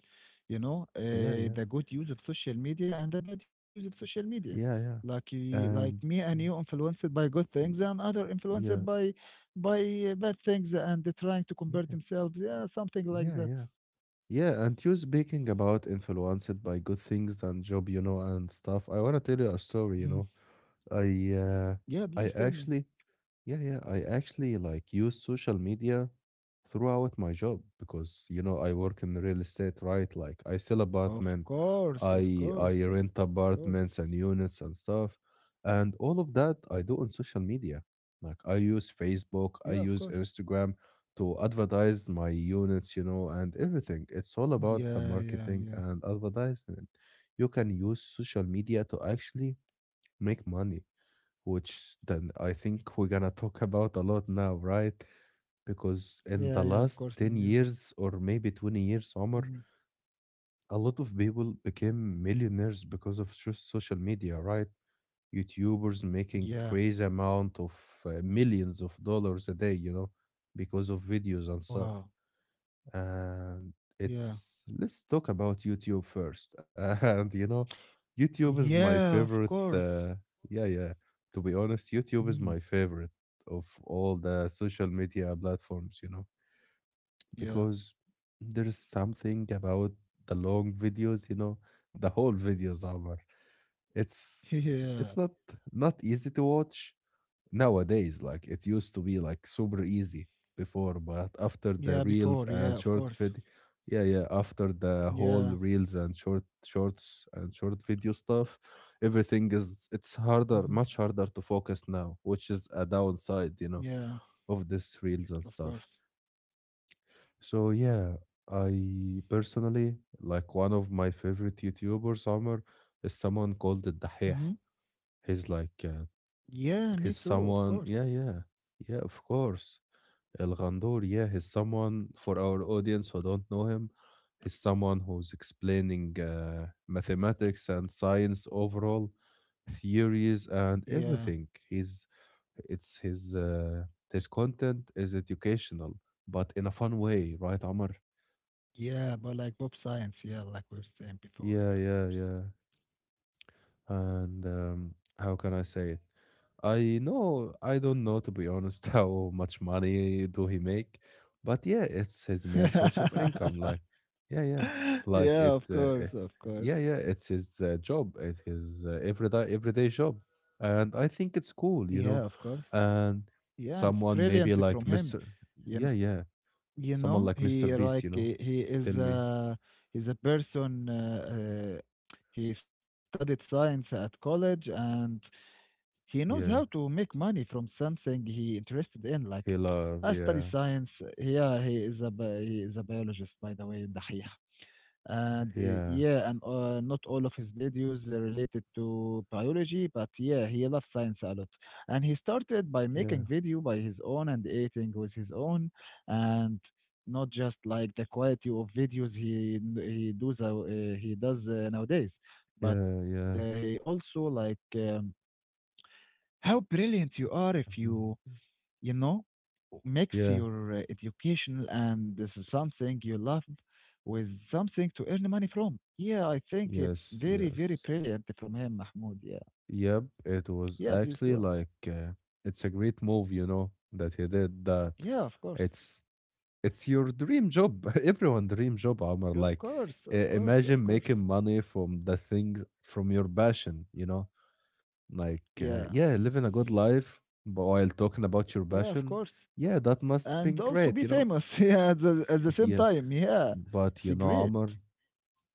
Speaker 2: You know,
Speaker 1: yeah, yeah.
Speaker 2: the good use of social media and the bad use of social media.
Speaker 1: Yeah, yeah.
Speaker 2: Like y- like me
Speaker 1: And
Speaker 2: and you
Speaker 1: mm,
Speaker 2: influenced by good things, and other influenced
Speaker 1: yeah,
Speaker 2: by by bad things, and they're trying to compare
Speaker 1: yeah,
Speaker 2: themselves. Yeah, something like
Speaker 1: yeah,
Speaker 2: that.
Speaker 1: yeah. Yeah, and you speaking about influenced by good things and job, you know, and stuff. I want to tell you a
Speaker 2: Mhm.
Speaker 1: story, you know. I uh
Speaker 2: Yeah, please tell
Speaker 1: I
Speaker 2: me.
Speaker 1: actually. Yeah, yeah. I actually, like, use social media throughout my job because you know I work in real estate, right? Like I sell
Speaker 2: Of
Speaker 1: apartment,
Speaker 2: course, of
Speaker 1: I
Speaker 2: course, of
Speaker 1: rent
Speaker 2: course.
Speaker 1: apartments and units and stuff, and all of that I do on social media. Like I use
Speaker 2: Yeah,
Speaker 1: Facebook,
Speaker 2: of
Speaker 1: I
Speaker 2: course.
Speaker 1: use Instagram to advertise my units, you know, and everything. It's all about the
Speaker 2: Yeah, yeah,
Speaker 1: marketing
Speaker 2: yeah.
Speaker 1: and advertisement. You can use social media to actually make money, which then I think we're gonna talk about a lot now, right? Because
Speaker 2: Yeah,
Speaker 1: in the
Speaker 2: yeah, of
Speaker 1: last
Speaker 2: course.
Speaker 1: 10
Speaker 2: Yeah.
Speaker 1: years or maybe 20 years, Omar,
Speaker 2: Mhm.
Speaker 1: a lot of people became millionaires because of social media, right? YouTubers
Speaker 2: Yeah.
Speaker 1: making crazy amount of millions of dollars a day, you know, because of videos and stuff.
Speaker 2: Wow.
Speaker 1: And
Speaker 2: Yeah.
Speaker 1: it's Let's talk about YouTube first. And you know, YouTube is
Speaker 2: Yeah,
Speaker 1: my
Speaker 2: of
Speaker 1: favorite.
Speaker 2: course.
Speaker 1: Yeah, yeah. To be honest, YouTube
Speaker 2: Mhm.
Speaker 1: is my favorite of all the social media platforms. You know,
Speaker 2: Yeah.
Speaker 1: because there's something about the long videos. You know, the whole videos are. It's
Speaker 2: Yeah.
Speaker 1: it's not easy to watch nowadays like it used to be, like, super easy before, but after
Speaker 2: Yeah,
Speaker 1: the reels
Speaker 2: before.
Speaker 1: and
Speaker 2: Yeah, of
Speaker 1: short
Speaker 2: course.
Speaker 1: vid yeah, yeah. After the whole
Speaker 2: Yeah.
Speaker 1: reels and shorts and short video stuff, everything is it's
Speaker 2: Hmm.
Speaker 1: harder much harder to focus now, which is a downside, you know,
Speaker 2: Yeah,
Speaker 1: of this reels and
Speaker 2: of
Speaker 1: stuff.
Speaker 2: course.
Speaker 1: So yeah, I personally, like, one of my favorite youtubers summer is someone called the
Speaker 2: Hmm.
Speaker 1: dahih. He's like,
Speaker 2: Yeah, me
Speaker 1: he's
Speaker 2: too, of course.
Speaker 1: someone. Yeah, yeah. Yeah, of course. Elghandor, yeah, he's someone for our audience who don't know him. He's someone who's explaining mathematics and science overall, theories and
Speaker 2: Yeah.
Speaker 1: everything. He's it's his content is educational, but in a fun way, right, Amr?
Speaker 2: Yeah, but like pop science, yeah, like we were saying before,
Speaker 1: Yeah,
Speaker 2: yeah, of
Speaker 1: yeah,
Speaker 2: course.
Speaker 1: yeah. And how can I say it? I don't know, to be honest, how much money do he make, but yeah, it's his main source of income. Like, yeah, yeah, like,
Speaker 2: Yeah, of course, of course.
Speaker 1: yeah, yeah, it's his job. It is his everyday job, and I think it's cool,
Speaker 2: Yeah,
Speaker 1: you
Speaker 2: of
Speaker 1: know.
Speaker 2: course.
Speaker 1: And
Speaker 2: Yeah, and it's
Speaker 1: someone
Speaker 2: brilliant
Speaker 1: maybe
Speaker 2: from
Speaker 1: like
Speaker 2: him.
Speaker 1: Mister,
Speaker 2: You
Speaker 1: yeah, yeah, someone
Speaker 2: know
Speaker 1: like Mister
Speaker 2: he
Speaker 1: Beast,
Speaker 2: like
Speaker 1: you know.
Speaker 2: he
Speaker 1: Tell
Speaker 2: is
Speaker 1: me,
Speaker 2: a he's a person he studied science at college, and he knows how to
Speaker 1: yeah,
Speaker 2: make money from something he interested in, like
Speaker 1: he love,
Speaker 2: I study
Speaker 1: yeah,
Speaker 2: science. Yeah, he is a bi- he is a biologist, by the way. دحيح. And
Speaker 1: yeah,
Speaker 2: yeah, and not all of his videos are related to biology, but yeah, he loves science a lot. And he started by making
Speaker 1: yeah,
Speaker 2: video by his own and editing with his own, and not just like the quality of videos he does he does nowadays, but
Speaker 1: yeah, yeah.
Speaker 2: he also like how brilliant you are if you
Speaker 1: Mm.
Speaker 2: you know mix
Speaker 1: Yeah,
Speaker 2: your educational and this is something you love with something to earn money from. Yeah, I think it's
Speaker 1: yes,
Speaker 2: very, very
Speaker 1: yes.
Speaker 2: brilliant from him, Mahmoud. Yeah.
Speaker 1: Yep, it was
Speaker 2: Yeah, please
Speaker 1: actually
Speaker 2: go.
Speaker 1: like it's a great move, you know, that he did that.
Speaker 2: Yeah, of course.
Speaker 1: It's it's your dream job. Everyone dream job, Omar.
Speaker 2: Yeah, of
Speaker 1: Like
Speaker 2: course, of course, of
Speaker 1: imagine making
Speaker 2: course.
Speaker 1: money from the things from your passion, you know? Like
Speaker 2: Yeah.
Speaker 1: yeah, living a good life but while talking about your
Speaker 2: Yeah, of
Speaker 1: passion.
Speaker 2: course.
Speaker 1: Yeah, that must be
Speaker 2: And also
Speaker 1: great,
Speaker 2: be
Speaker 1: you know.
Speaker 2: famous. Yeah, at the same
Speaker 1: Yes,
Speaker 2: time. Yeah.
Speaker 1: but
Speaker 2: It's
Speaker 1: you know, Omar,
Speaker 2: great.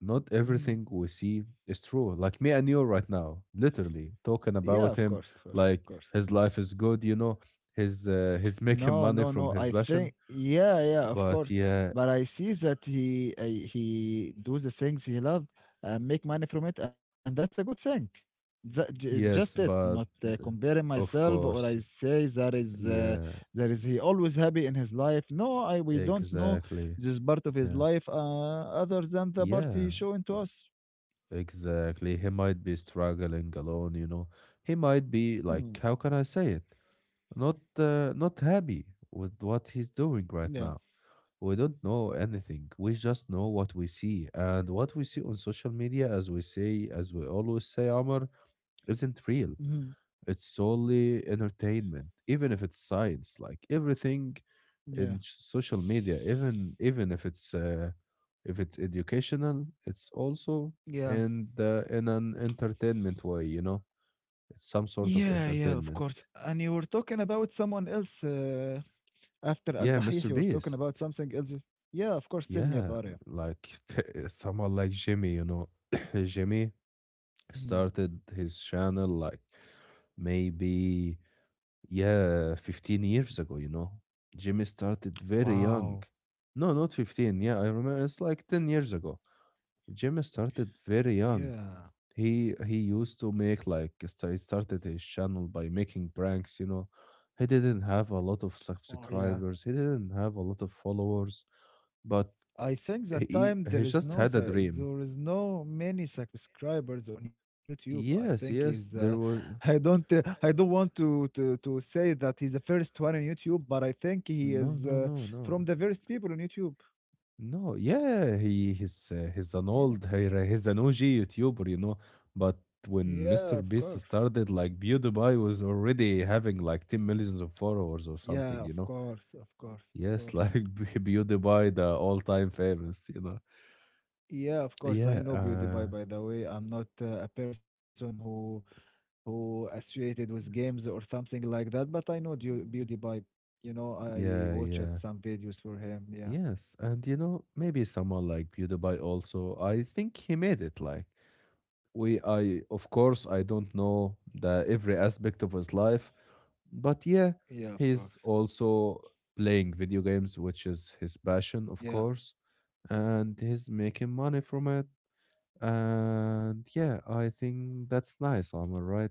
Speaker 1: not
Speaker 2: Mhm.
Speaker 1: everything we see is true. Like me and you right now, literally talking
Speaker 2: Yeah, of
Speaker 1: about
Speaker 2: course, of
Speaker 1: him,
Speaker 2: course, of
Speaker 1: like
Speaker 2: course.
Speaker 1: his life is good, you know, his he's making
Speaker 2: No,
Speaker 1: money
Speaker 2: no,
Speaker 1: from
Speaker 2: no.
Speaker 1: his
Speaker 2: I
Speaker 1: passion.
Speaker 2: think yeah, yeah, of
Speaker 1: But
Speaker 2: course.
Speaker 1: yeah,
Speaker 2: But I see that he do the things he love and make money from it, and that's a good thing. That, just it,
Speaker 1: yes,
Speaker 2: not
Speaker 1: but
Speaker 2: comparing
Speaker 1: of
Speaker 2: myself or I
Speaker 1: course,
Speaker 2: say
Speaker 1: yeah,
Speaker 2: that is he always happy in his life. No, I we don't know
Speaker 1: exactly,
Speaker 2: this part of his
Speaker 1: yeah,
Speaker 2: life other than the part
Speaker 1: yeah,
Speaker 2: he showing to
Speaker 1: e-
Speaker 2: us.
Speaker 1: exactly. He might be struggling alone, you know. He might be
Speaker 2: Hmm.
Speaker 1: like, how can I say it? Not happy with what he's doing right
Speaker 2: Yeah.
Speaker 1: now. We don't know anything, we just know what we see, and what we see on social media. As we say, as we always say, Omar isn't real.
Speaker 2: Mhm.
Speaker 1: It's solely entertainment, even if it's science, like everything
Speaker 2: Yeah.
Speaker 1: in social media. Even if it's educational, it's also
Speaker 2: Yeah.
Speaker 1: and in an entertainment way, you know, it's some sort
Speaker 2: Yeah,
Speaker 1: of
Speaker 2: yeah, of course.
Speaker 1: entertainment.
Speaker 2: And you were talking about someone else. After Al
Speaker 1: Yeah,
Speaker 2: Dahih,
Speaker 1: Mr.
Speaker 2: you were talking
Speaker 1: Beast.
Speaker 2: about something else? Yeah, of course. Tell me
Speaker 1: Yeah,
Speaker 2: about it.
Speaker 1: like someone like Jimmy, you know. Jimmy
Speaker 2: Mhm.
Speaker 1: started his channel like maybe, yeah, 15 years ago, you know. Jimmy started very
Speaker 2: Wow.
Speaker 1: young. No, not 15, yeah, I remember, it's like 10 years ago. Jimmy started very young.
Speaker 2: Yeah.
Speaker 1: He used to make like he started his channel by making pranks, you know. He didn't have a lot of
Speaker 2: Oh, yeah.
Speaker 1: subscribers, he didn't have a lot of followers. But
Speaker 2: I think that
Speaker 1: he
Speaker 2: time
Speaker 1: he
Speaker 2: there is
Speaker 1: just
Speaker 2: no
Speaker 1: had a
Speaker 2: su-
Speaker 1: dream.
Speaker 2: there is no many subscribers on YouTube. I think
Speaker 1: Yes,
Speaker 2: is
Speaker 1: yes, there was.
Speaker 2: I don't want to say that he's the first one on YouTube, but I think he
Speaker 1: No,
Speaker 2: is
Speaker 1: no, no, no.
Speaker 2: from the first people on YouTube.
Speaker 1: No, yeah, he's an
Speaker 2: Yeah.
Speaker 1: old he's an OG YouTuber, you know. But
Speaker 2: Yeah,
Speaker 1: when
Speaker 2: of
Speaker 1: Mr.
Speaker 2: course.
Speaker 1: Beast started, like PewDiePie was already having like 10 millions of followers or
Speaker 2: Yeah, of
Speaker 1: something, you know.
Speaker 2: course, of course, of
Speaker 1: Yes,
Speaker 2: course.
Speaker 1: like PewDiePie, the all-time famous, you know.
Speaker 2: Yeah, of course. I
Speaker 1: Yeah,
Speaker 2: know Beauty Pie,
Speaker 1: uh,
Speaker 2: by the way. I'm not a person who associated with games or something like that, but I know Deu- Beauty Pie. You know, I
Speaker 1: yeah, yeah,
Speaker 2: watched some videos for him. Yeah.
Speaker 1: yes, and you know, maybe someone like PewDiePie also. I think he made it, like, I, of course, I don't know the every aspect of his life. But yeah,
Speaker 2: Yeah, of course.
Speaker 1: he's also playing video games, which is his passion, of
Speaker 2: Yeah.
Speaker 1: course, and he's making money from it. And yeah, I think that's nice, am I right?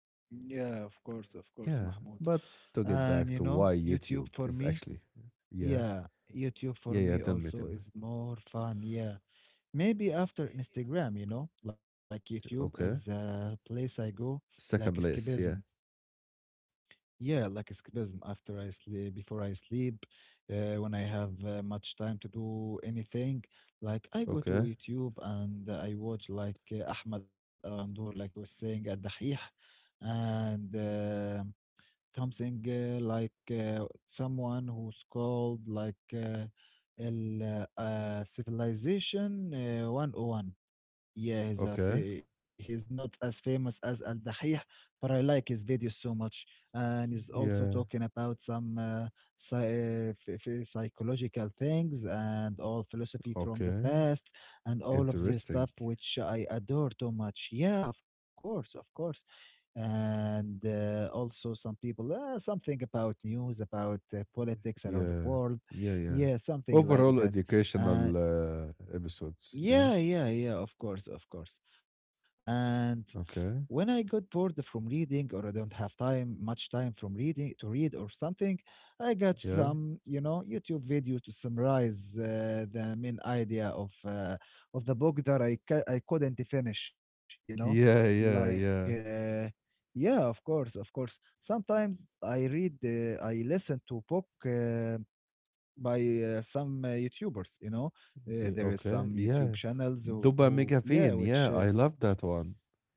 Speaker 2: Yeah, of course,
Speaker 1: Yeah,
Speaker 2: Mahmoud.
Speaker 1: but to get
Speaker 2: And you
Speaker 1: back to
Speaker 2: know,
Speaker 1: why
Speaker 2: YouTube
Speaker 1: YouTube
Speaker 2: for
Speaker 1: is actually, yeah,
Speaker 2: yeah, YouTube for
Speaker 1: yeah, yeah,
Speaker 2: me
Speaker 1: tell me, tell
Speaker 2: also
Speaker 1: me.
Speaker 2: is more fun. Yeah. Maybe after Instagram, you know, like YouTube is
Speaker 1: Okay.
Speaker 2: a place I go like
Speaker 1: Second
Speaker 2: escapism.
Speaker 1: place, yeah.
Speaker 2: Yeah, like escapism after I sleep, before I sleep, when I have much time to do anything, like I go to
Speaker 1: Okay.
Speaker 2: YouTube and I watch like Ahmed Al-Ghandour, like you was saying at Dahih, and something like someone who's called like El Civilization 101. Yeah, he's a
Speaker 1: Okay.
Speaker 2: fa- he's not as famous as Al Dahih, but I like his videos so much. And he's also
Speaker 1: Yeah.
Speaker 2: talking about some psy- ph- ph- psychological things and all philosophy from the
Speaker 1: Okay.
Speaker 2: past and all of this
Speaker 1: Interesting.
Speaker 2: stuff, which I adore too much. Yeah, of course, of course. And also some people, something about news, about politics around the
Speaker 1: Yeah.
Speaker 2: world.
Speaker 1: Yeah, yeah.
Speaker 2: Yeah, something like
Speaker 1: Overall
Speaker 2: that. Uh,
Speaker 1: educational episodes, yeah.
Speaker 2: yeah, yeah, yeah, of course, of course. And when I
Speaker 1: Okay.
Speaker 2: got bored from reading or I don't have time, much time from reading to read or something, I got
Speaker 1: Yeah.
Speaker 2: some, you know, YouTube video to summarize the main idea of the book that I couldn't finish, you know?
Speaker 1: Yeah,
Speaker 2: Like
Speaker 1: yeah, yeah.
Speaker 2: yeah, of course, of course. Sometimes I read I listen to book by some YouTubers. You know,
Speaker 1: Yeah,
Speaker 2: there is
Speaker 1: okay.
Speaker 2: some YouTube
Speaker 1: Yeah.
Speaker 2: channels
Speaker 1: Duba
Speaker 2: who
Speaker 1: Mega
Speaker 2: yeah,
Speaker 1: Pain.
Speaker 2: which
Speaker 1: Yeah, I love that one.
Speaker 2: y-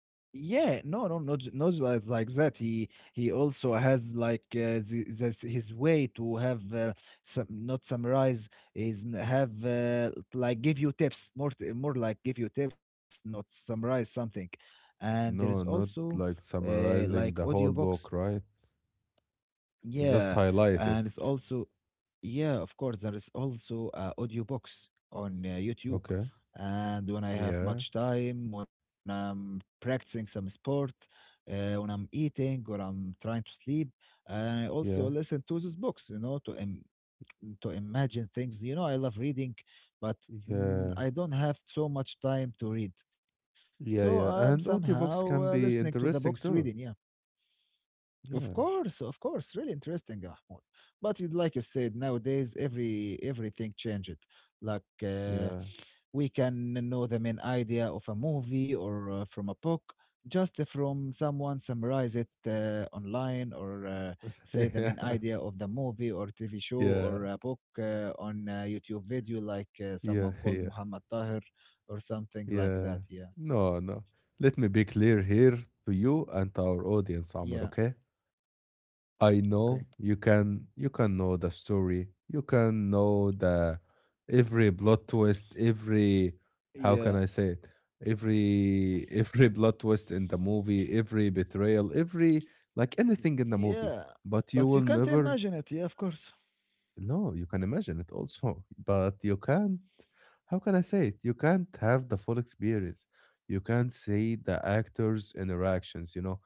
Speaker 2: yeah, no, no, not j- not like like that. He also has like the, that's his way to have some not summarize is n- have like give you tips more t- more like give you tips, not summarize something. And there is
Speaker 1: No, not
Speaker 2: also
Speaker 1: like
Speaker 2: like
Speaker 1: summarizing the whole
Speaker 2: audiobooks.
Speaker 1: book, right? Just
Speaker 2: Yeah,
Speaker 1: highlight it.
Speaker 2: and it's also, yeah, of course, there is also audiobooks on YouTube.
Speaker 1: Okay.
Speaker 2: And when I have
Speaker 1: Yeah.
Speaker 2: much time, when I'm practicing some sport, when I'm eating or I'm trying to sleep, I
Speaker 1: Yeah.
Speaker 2: also listen to these books, you know, to im to imagine things. You know, I love reading, but mm,
Speaker 1: Yeah.
Speaker 2: I don't have so much time to read. So
Speaker 1: Yeah.
Speaker 2: I'm
Speaker 1: Yeah. And
Speaker 2: somehow
Speaker 1: audiobooks can
Speaker 2: listening to
Speaker 1: be
Speaker 2: the books
Speaker 1: interesting
Speaker 2: reading, yeah.
Speaker 1: too. Yeah.
Speaker 2: Of course, really interesting, Mahmoud. But you- like you said, nowadays every everything changed. Like
Speaker 1: Yeah.
Speaker 2: we can know the main idea of a movie or from a book just from someone summarize it online or say the main idea of the movie or TV show or
Speaker 1: Yeah.
Speaker 2: a book on a YouTube video, like someone
Speaker 1: Yeah. Yeah.
Speaker 2: called
Speaker 1: Yeah.
Speaker 2: Muhammad Tahir or something like that.
Speaker 1: Yeah.
Speaker 2: Yeah,
Speaker 1: No, no. Let me be clear here to you and to our audience,
Speaker 2: yeah,
Speaker 1: Amr, okay? I
Speaker 2: okay,
Speaker 1: know you can know the story. You can know the every plot twist, every, how can
Speaker 2: yeah.
Speaker 1: I say it? Every every plot twist in the movie, every betrayal, every, like, anything in the
Speaker 2: Yeah,
Speaker 1: movie. But
Speaker 2: but
Speaker 1: you
Speaker 2: you
Speaker 1: will
Speaker 2: can't
Speaker 1: never,
Speaker 2: imagine it. Yeah, of course.
Speaker 1: no, you can imagine it also. But you can't, how can I say it? You can't have the full experience. You can't see the actors' interactions, you know.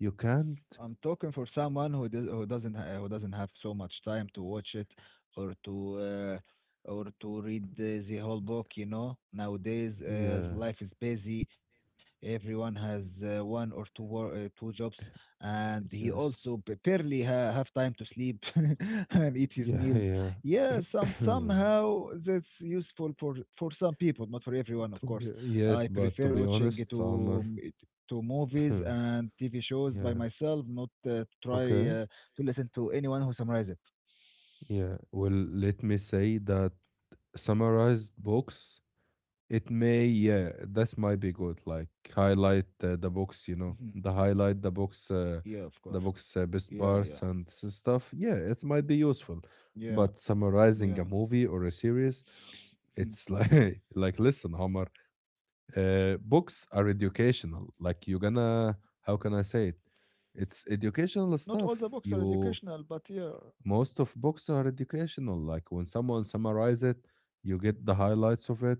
Speaker 1: You can't,
Speaker 2: I'm talking for someone who does, who doesn't ha- who doesn't have so much time to watch it or to uh, or to read the whole book. You know, nowadays
Speaker 1: yeah,
Speaker 2: life is busy. Everyone has one or two wor- two jobs, and he also
Speaker 1: yes.
Speaker 2: barely have time to sleep and eat his
Speaker 1: Yeah,
Speaker 2: meals.
Speaker 1: yeah.
Speaker 2: Yeah, some somehow that's useful for some people, not for everyone, of
Speaker 1: To be,
Speaker 2: course.
Speaker 1: yes,
Speaker 2: I
Speaker 1: but to
Speaker 2: prefer
Speaker 1: be
Speaker 2: watching
Speaker 1: honest,
Speaker 2: it to
Speaker 1: Amr,
Speaker 2: mm, to movies and TV shows by
Speaker 1: yeah,
Speaker 2: myself, not try
Speaker 1: okay,
Speaker 2: to listen to anyone who summarize it.
Speaker 1: yeah. Well, let me say that summarized books, it may, yeah, that might be good. Like highlight the books, you
Speaker 2: Mhm.
Speaker 1: know,
Speaker 2: Yeah, of course.
Speaker 1: the books best
Speaker 2: Yeah, yeah,
Speaker 1: parts and stuff. Yeah, it might be useful.
Speaker 2: yeah,
Speaker 1: But summarizing
Speaker 2: yeah.
Speaker 1: a movie or a series,
Speaker 2: Mhm.
Speaker 1: it's like, like, listen, Amr. Books are educational, like, you're gonna, how can I say it, it's
Speaker 2: Not
Speaker 1: educational
Speaker 2: all the
Speaker 1: stuff.
Speaker 2: books are
Speaker 1: You
Speaker 2: educational, but yeah,
Speaker 1: Most of books are educational, like when someone summarize it, you get the highlights of it,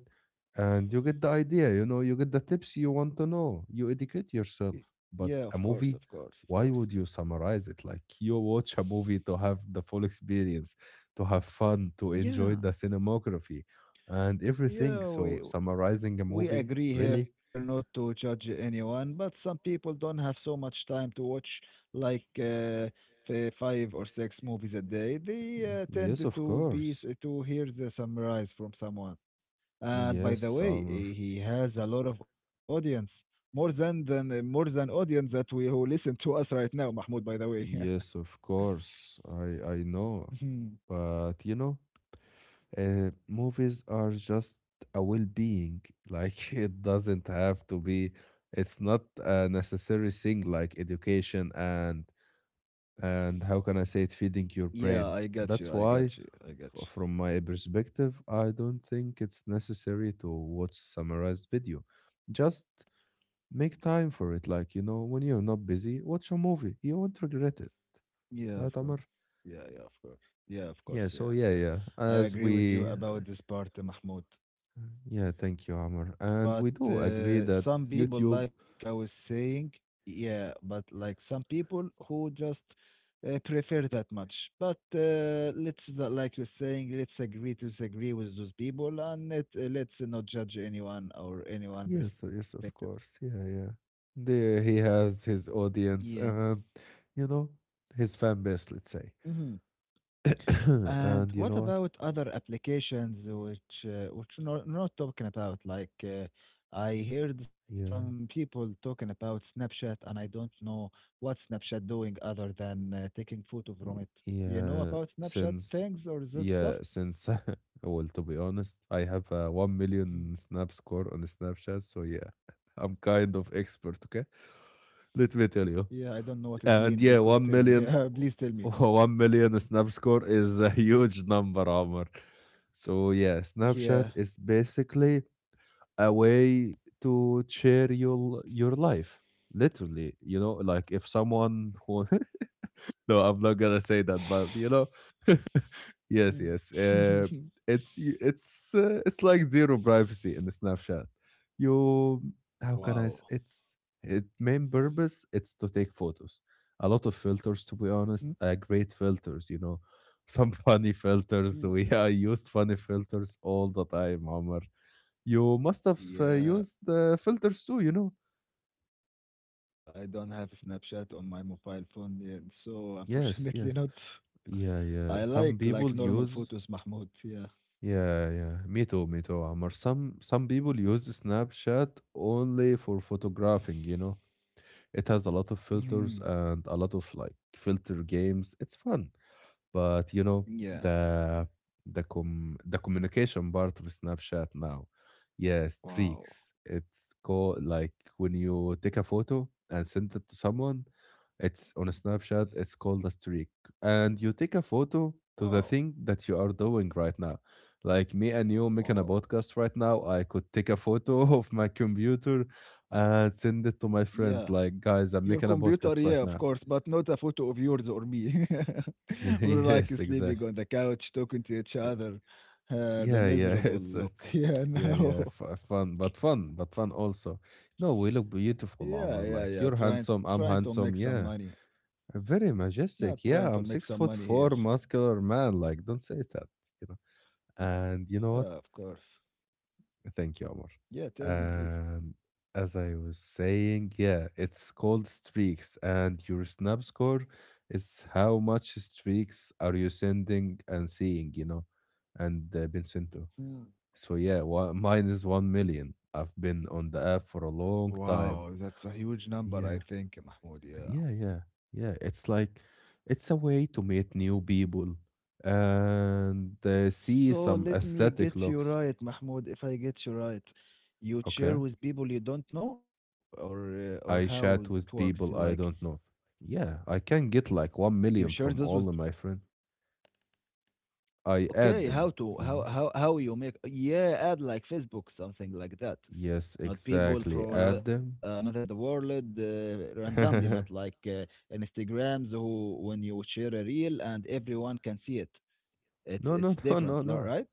Speaker 1: and you get the idea, you know, you get the tips you want to know, you educate
Speaker 2: i-
Speaker 1: yourself.
Speaker 2: yeah, of
Speaker 1: But a
Speaker 2: course, of
Speaker 1: movie,
Speaker 2: course, of course.
Speaker 1: why would you summarize it? Like, you watch a movie to have the full experience, to have fun, to enjoy
Speaker 2: Yeah,
Speaker 1: the cinematography and everything.
Speaker 2: yeah.
Speaker 1: So
Speaker 2: We
Speaker 1: summarizing a
Speaker 2: We
Speaker 1: movie,
Speaker 2: agree here
Speaker 1: really.
Speaker 2: not to judge anyone, but some people don't have so much time to watch like five or six movies a day. They
Speaker 1: Yes,
Speaker 2: tend
Speaker 1: of
Speaker 2: to
Speaker 1: course.
Speaker 2: to hear the summarize from someone. And by
Speaker 1: Yes,
Speaker 2: the way,
Speaker 1: Summer.
Speaker 2: he has a lot of audience, more than audience that we who listen to us right now, Mahmoud. By the way,
Speaker 1: Yes, of course. I know.
Speaker 2: Mhm.
Speaker 1: But you know, movies are just a well-being. Like it doesn't have to be. It's not a necessary thing like education and how can I say it, feeding your
Speaker 2: Yeah,
Speaker 1: brain.
Speaker 2: I got you.
Speaker 1: That's
Speaker 2: I
Speaker 1: why,
Speaker 2: got you. I got
Speaker 1: from my perspective, I don't think it's necessary to watch summarized video. Just make time for it. Like, you know, when you're not busy, watch a movie. You won't regret it.
Speaker 2: you. Yeah, of
Speaker 1: Right,
Speaker 2: course.
Speaker 1: Amr?
Speaker 2: Yeah, yeah, of course. Yeah, of course.
Speaker 1: Yeah, so
Speaker 2: Yeah,
Speaker 1: yeah,
Speaker 2: yeah.
Speaker 1: yeah.
Speaker 2: I
Speaker 1: As
Speaker 2: agree with you
Speaker 1: we,
Speaker 2: about this part, Mahmoud.
Speaker 1: yeah, thank you, Amr. And
Speaker 2: But
Speaker 1: we do agree that
Speaker 2: some people,
Speaker 1: YouTube,
Speaker 2: like I was saying, yeah, but like some people who just prefer that much. But let's, not- like you're saying, let's agree to disagree with those people and let's not judge anyone or anyone
Speaker 1: yes,
Speaker 2: perspective.
Speaker 1: yes, of course. Yeah, yeah. There he has his
Speaker 2: Yeah.
Speaker 1: audience and, you know, his fan base, let's say.
Speaker 2: And
Speaker 1: And you
Speaker 2: what
Speaker 1: know what?
Speaker 2: about other applications which not talking about? Like I heard
Speaker 1: Yeah.
Speaker 2: some people talking about Snapchat, and I don't know what Snapchat doing other than taking photo from it. You know
Speaker 1: Yeah,
Speaker 2: about Snapchat
Speaker 1: since,
Speaker 2: things or that stuff?
Speaker 1: yeah, since well, to be honest, I have a 1
Speaker 2: Mm.
Speaker 1: million snap score on Snapchat, so yeah, I'm kind of expert, okay? Let me tell
Speaker 2: Yeah,
Speaker 1: you.
Speaker 2: I don't know what is mean
Speaker 1: And yeah,
Speaker 2: because tell
Speaker 1: one
Speaker 2: me.
Speaker 1: million,
Speaker 2: Yeah, please tell me.
Speaker 1: 1 million snap score is a huge number, Omar. So yeah, Snapchat
Speaker 2: Yeah.
Speaker 1: is basically a way to share your life. Literally, you know, like if someone who no, I'm not gonna say that, but you know, yes,
Speaker 2: Mm.
Speaker 1: yes. It's y- it's it's like zero privacy in the Snapchat. You, how
Speaker 2: Wow.
Speaker 1: can I? It's its main purpose. It's to take photos. A lot of filters, to be
Speaker 2: Hmm?
Speaker 1: honest, great filters. You know, some funny filters.
Speaker 2: Mm.
Speaker 1: We I used funny filters all the time, Omar. You must have
Speaker 2: Yeah.
Speaker 1: used filters too. You know.
Speaker 2: I don't have Snapchat on my mobile phone yet, so
Speaker 1: Yes.
Speaker 2: unfortunately not.
Speaker 1: Yes. Yeah.
Speaker 2: I
Speaker 1: Yeah. Some
Speaker 2: like
Speaker 1: people
Speaker 2: normal
Speaker 1: use,
Speaker 2: photos, Mahmoud. Yeah.
Speaker 1: yeah, yeah. Me too, Amr. Some people use Snapchat only for photographing, you know. It has a lot of filters
Speaker 2: Hmm.
Speaker 1: and a lot of like filter games. It's fun. But you know
Speaker 2: Yeah.
Speaker 1: the com the communication part of Snapchat now, yeah,
Speaker 2: Wow.
Speaker 1: streaks. It's called like when you take a photo and send it to someone. It's on a Snapchat. It's called a streak, and you take a photo to
Speaker 2: Wow.
Speaker 1: the thing that you are doing right now. Like me and you making a
Speaker 2: Wow.
Speaker 1: podcast right now, I could take a photo of my computer and send it to my
Speaker 2: Yeah.
Speaker 1: friends. Like,
Speaker 2: Your
Speaker 1: guys, I'm making a
Speaker 2: computer, yeah,
Speaker 1: podcast
Speaker 2: of
Speaker 1: right now.
Speaker 2: course, but not a photo of yours or me.
Speaker 1: Yeah,
Speaker 2: We're like
Speaker 1: yes,
Speaker 2: sleeping
Speaker 1: exactly.
Speaker 2: on the couch, talking to each other. The
Speaker 1: Yeah, yeah,
Speaker 2: miserable look.
Speaker 1: it's
Speaker 2: Yeah,
Speaker 1: yeah, yeah,
Speaker 2: no.
Speaker 1: fun, but fun, but fun also. No, we look
Speaker 2: Yeah,
Speaker 1: beautiful,
Speaker 2: yeah, yeah.
Speaker 1: Omar. Like, you're
Speaker 2: Trying
Speaker 1: handsome,
Speaker 2: to
Speaker 1: I'm
Speaker 2: make some
Speaker 1: handsome.
Speaker 2: money.
Speaker 1: Yeah, very
Speaker 2: Not
Speaker 1: majestic.
Speaker 2: trying to
Speaker 1: Yeah,
Speaker 2: make
Speaker 1: I'm
Speaker 2: some
Speaker 1: 6 foot
Speaker 2: money here.
Speaker 1: four, muscular man. Like, don't say that, you know. And you know what?
Speaker 2: Yeah, of course.
Speaker 1: Thank you, Omar.
Speaker 2: Yeah, tell me, please.
Speaker 1: And as I was saying, yeah, it's called streaks, and your snap score is how much streaks are you sending and seeing, you know, and been sent to.
Speaker 2: Hmm.
Speaker 1: So yeah, one, mine is 1 million. I've been on the app for a long
Speaker 2: Wow,
Speaker 1: time.
Speaker 2: that's a huge number, I think,
Speaker 1: Yeah,
Speaker 2: Mahmoud. Yeah.
Speaker 1: yeah, yeah, yeah. It's like it's a way to meet new people and see
Speaker 2: So
Speaker 1: some
Speaker 2: let me get
Speaker 1: aesthetic
Speaker 2: you
Speaker 1: looks.
Speaker 2: right, Mahmoud. If I get you right, you share
Speaker 1: Okay,
Speaker 2: with people you don't know, or how
Speaker 1: I
Speaker 2: is it
Speaker 1: chat
Speaker 2: works?
Speaker 1: with
Speaker 2: Like
Speaker 1: people I don't know. Yeah, I can get like one
Speaker 2: you share
Speaker 1: million
Speaker 2: those
Speaker 1: from
Speaker 2: with.
Speaker 1: all of my friends. I add
Speaker 2: Okay, how
Speaker 1: them,
Speaker 2: to
Speaker 1: you
Speaker 2: how
Speaker 1: know.
Speaker 2: how you make? Yeah, add like Facebook, something like that.
Speaker 1: Yes,
Speaker 2: Not people
Speaker 1: exactly.
Speaker 2: from
Speaker 1: Add them.
Speaker 2: another the world randomly, not
Speaker 1: No,
Speaker 2: like Instagrams who when you share a reel and everyone can see it.
Speaker 1: no, no,
Speaker 2: It's different,
Speaker 1: no, no.
Speaker 2: right?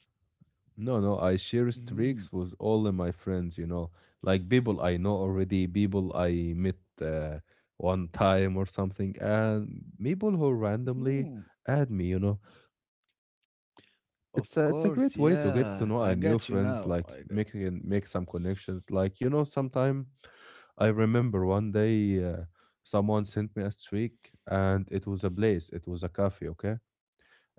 Speaker 1: No, no, I share
Speaker 2: Hmm.
Speaker 1: streaks with all of my friends, you know, like people I know already, people I met uh, one time or something, and people who
Speaker 2: Hmm.
Speaker 1: randomly add me, you know.
Speaker 2: Of
Speaker 1: It's a
Speaker 2: course,
Speaker 1: great way to get to
Speaker 2: yeah.
Speaker 1: know
Speaker 2: I
Speaker 1: our new
Speaker 2: got you
Speaker 1: friends,
Speaker 2: now.
Speaker 1: like
Speaker 2: I got
Speaker 1: making make some connections. Like, you know, sometime I remember one day someone sent me a streak and it was a place, it was a cafe, okay?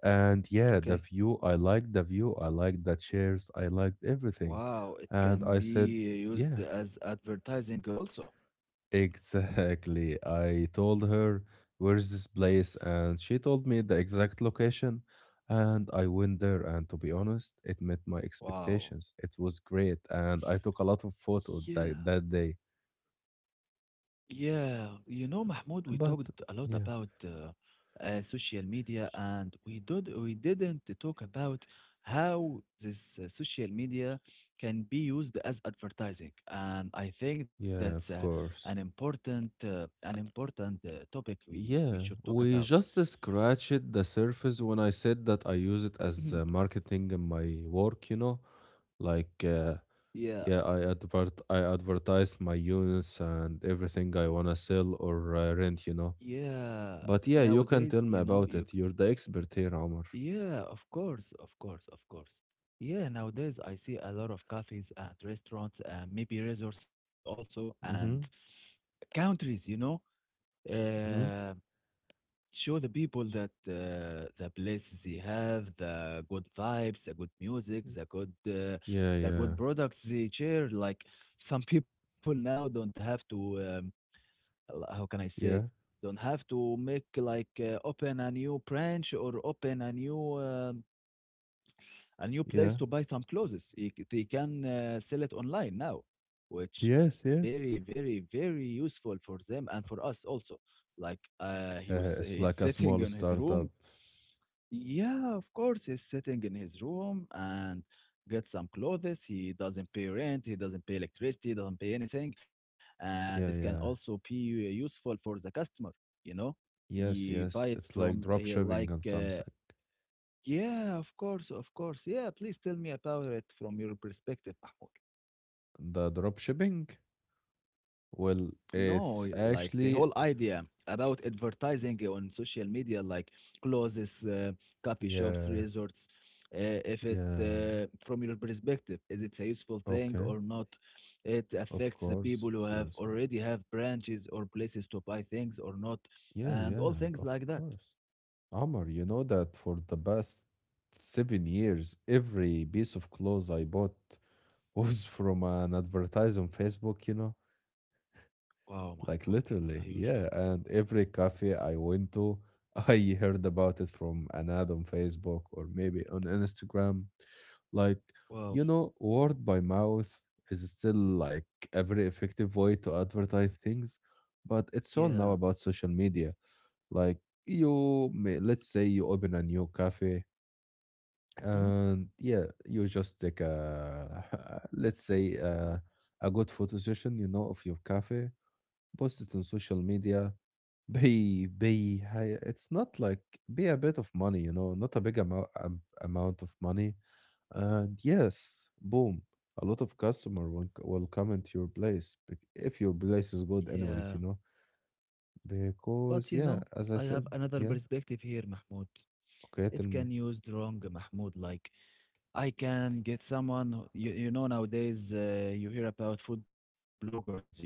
Speaker 1: And yeah,
Speaker 2: okay.
Speaker 1: the view, I liked the view, I liked the chairs, I liked everything.
Speaker 2: Wow, it
Speaker 1: And
Speaker 2: can
Speaker 1: I said,
Speaker 2: be used
Speaker 1: yeah,
Speaker 2: as advertising also.
Speaker 1: exactly. I told her, where's this place? And she told me the exact location. And I went there. And to be honest, it met my
Speaker 2: Wow.
Speaker 1: expectations. It was great. And I took a lot of photos that,
Speaker 2: Yeah.
Speaker 1: that day.
Speaker 2: Yeah, you know, Mahmoud, we talked
Speaker 1: But
Speaker 2: a lot about
Speaker 1: yeah,
Speaker 2: social media, and we didn't talk about how this social media can be used as advertising. And I think that's
Speaker 1: yeah, of course.
Speaker 2: an important topic we
Speaker 1: Yeah,
Speaker 2: should talk
Speaker 1: we
Speaker 2: about.
Speaker 1: just scratched the surface when I said that I use it as
Speaker 2: Mhm.
Speaker 1: marketing in my work, you know? Like,
Speaker 2: Yeah,
Speaker 1: yeah, I advertise my units and everything I wanna sell or rent, you know?
Speaker 2: yeah.
Speaker 1: But yeah, you can
Speaker 2: Nowadays,
Speaker 1: tell
Speaker 2: you
Speaker 1: me
Speaker 2: know,
Speaker 1: about
Speaker 2: you.
Speaker 1: it. You're the expert here, Omar.
Speaker 2: Yeah, of course, of course. Yeah, nowadays I see a lot of cafes and restaurants and maybe resorts also and
Speaker 1: Mm-hmm.
Speaker 2: countries, you know,
Speaker 1: Mm-hmm.
Speaker 2: uh, show the people that the places they have, the good vibes, the good music,
Speaker 1: Yeah,
Speaker 2: the
Speaker 1: yeah,
Speaker 2: good products they share. Like some people now don't have to, how can I say it?
Speaker 1: yeah,
Speaker 2: Don't have to make like open a new branch or open a new place
Speaker 1: yeah.
Speaker 2: to buy some clothes. They can sell it online now, which
Speaker 1: Yes,
Speaker 2: very,
Speaker 1: yeah.
Speaker 2: very, very useful for them and for us also. Like
Speaker 1: Yeah, it's
Speaker 2: he's
Speaker 1: like a
Speaker 2: sitting in
Speaker 1: small
Speaker 2: his
Speaker 1: startup.
Speaker 2: room. Yeah, of course, he's sitting in his room and get some clothes. He doesn't pay rent. He doesn't pay electricity. He doesn't pay anything, and it can
Speaker 1: Yeah, yeah.
Speaker 2: also be useful for the customer. You know,
Speaker 1: Yes,
Speaker 2: you buy
Speaker 1: yes.
Speaker 2: it
Speaker 1: It's like
Speaker 2: from
Speaker 1: drop shipping and something.
Speaker 2: yeah, of course, of course. Yeah, please tell me about it from your perspective, Mahmoud.
Speaker 1: The drop shipping? Well,
Speaker 2: No,
Speaker 1: it's
Speaker 2: like the whole
Speaker 1: actually,
Speaker 2: idea about advertising on social media, like clothes, coffee shops,
Speaker 1: yeah,
Speaker 2: resorts. If it,
Speaker 1: yeah.
Speaker 2: From your perspective, is it a useful thing
Speaker 1: Okay,
Speaker 2: or not? It
Speaker 1: of
Speaker 2: affects the people
Speaker 1: course,
Speaker 2: who
Speaker 1: it's your song.
Speaker 2: have branches or places to buy things or not,
Speaker 1: Yeah,
Speaker 2: and all
Speaker 1: yeah,
Speaker 2: things
Speaker 1: of
Speaker 2: like that.
Speaker 1: course. Amr, you know that for the past 7 years, every piece of clothes I bought was from an advertise on Facebook, you know?
Speaker 2: Wow,
Speaker 1: Like,
Speaker 2: Mahmoud, that's a
Speaker 1: literally,
Speaker 2: huge
Speaker 1: yeah.
Speaker 2: number.
Speaker 1: And every cafe I went to, I heard about it from an ad on Facebook or maybe on Instagram. Like, you
Speaker 2: Wow.
Speaker 1: know, word by mouth is still like a very effective way to advertise things, but it's all now about
Speaker 2: Yeah.
Speaker 1: social media. Like, you may, let's say you open a new cafe and
Speaker 2: Hmm?
Speaker 1: yeah, you just take a, let's say, a good photo session, you know, of your cafe, post it on social media, pay high. It's not like pay a bit of money, you know, not a big amount of money. And yes, boom, a lot of customer will, will come into your place if your place is good,
Speaker 2: Yeah.
Speaker 1: anyways, you know.
Speaker 2: But
Speaker 1: Because
Speaker 2: you
Speaker 1: yeah,
Speaker 2: know,
Speaker 1: as I
Speaker 2: I
Speaker 1: said,
Speaker 2: have another
Speaker 1: yeah.
Speaker 2: perspective here, Mahmoud.
Speaker 1: Okay, tell
Speaker 2: It
Speaker 1: me.
Speaker 2: can use wrong, Mahmoud. Like I can get you, you know, nowadays you hear about food bloggers, you know?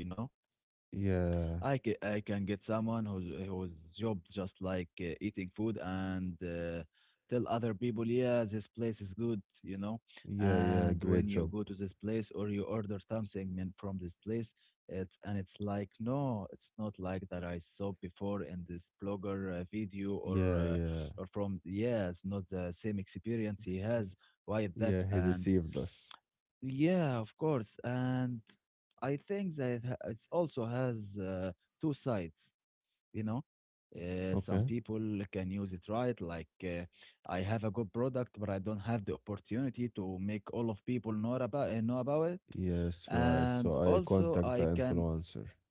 Speaker 1: Yeah,
Speaker 2: I can get someone who's whose job just like eating food and tell other people, yeah, this place is good, you know.
Speaker 1: yeah, yeah.
Speaker 2: And
Speaker 1: Great
Speaker 2: when you
Speaker 1: job.
Speaker 2: go to this place or you order something man, from this place, it's like, no, it's not like that I saw before in this blogger video
Speaker 1: Yeah, yeah,
Speaker 2: or from yeah, it's not the same experience he has. Why is
Speaker 1: yeah.
Speaker 2: that?
Speaker 1: He
Speaker 2: And
Speaker 1: deceived us.
Speaker 2: yeah, of course. And I think that it ha- it's also has two sides, you know.
Speaker 1: Okay.
Speaker 2: Some people can use it right, like I have a good product, but I don't have the opportunity to make all of people know about it.
Speaker 1: Yes, right. So I
Speaker 2: And
Speaker 1: contact the
Speaker 2: also, I
Speaker 1: influencer.
Speaker 2: can,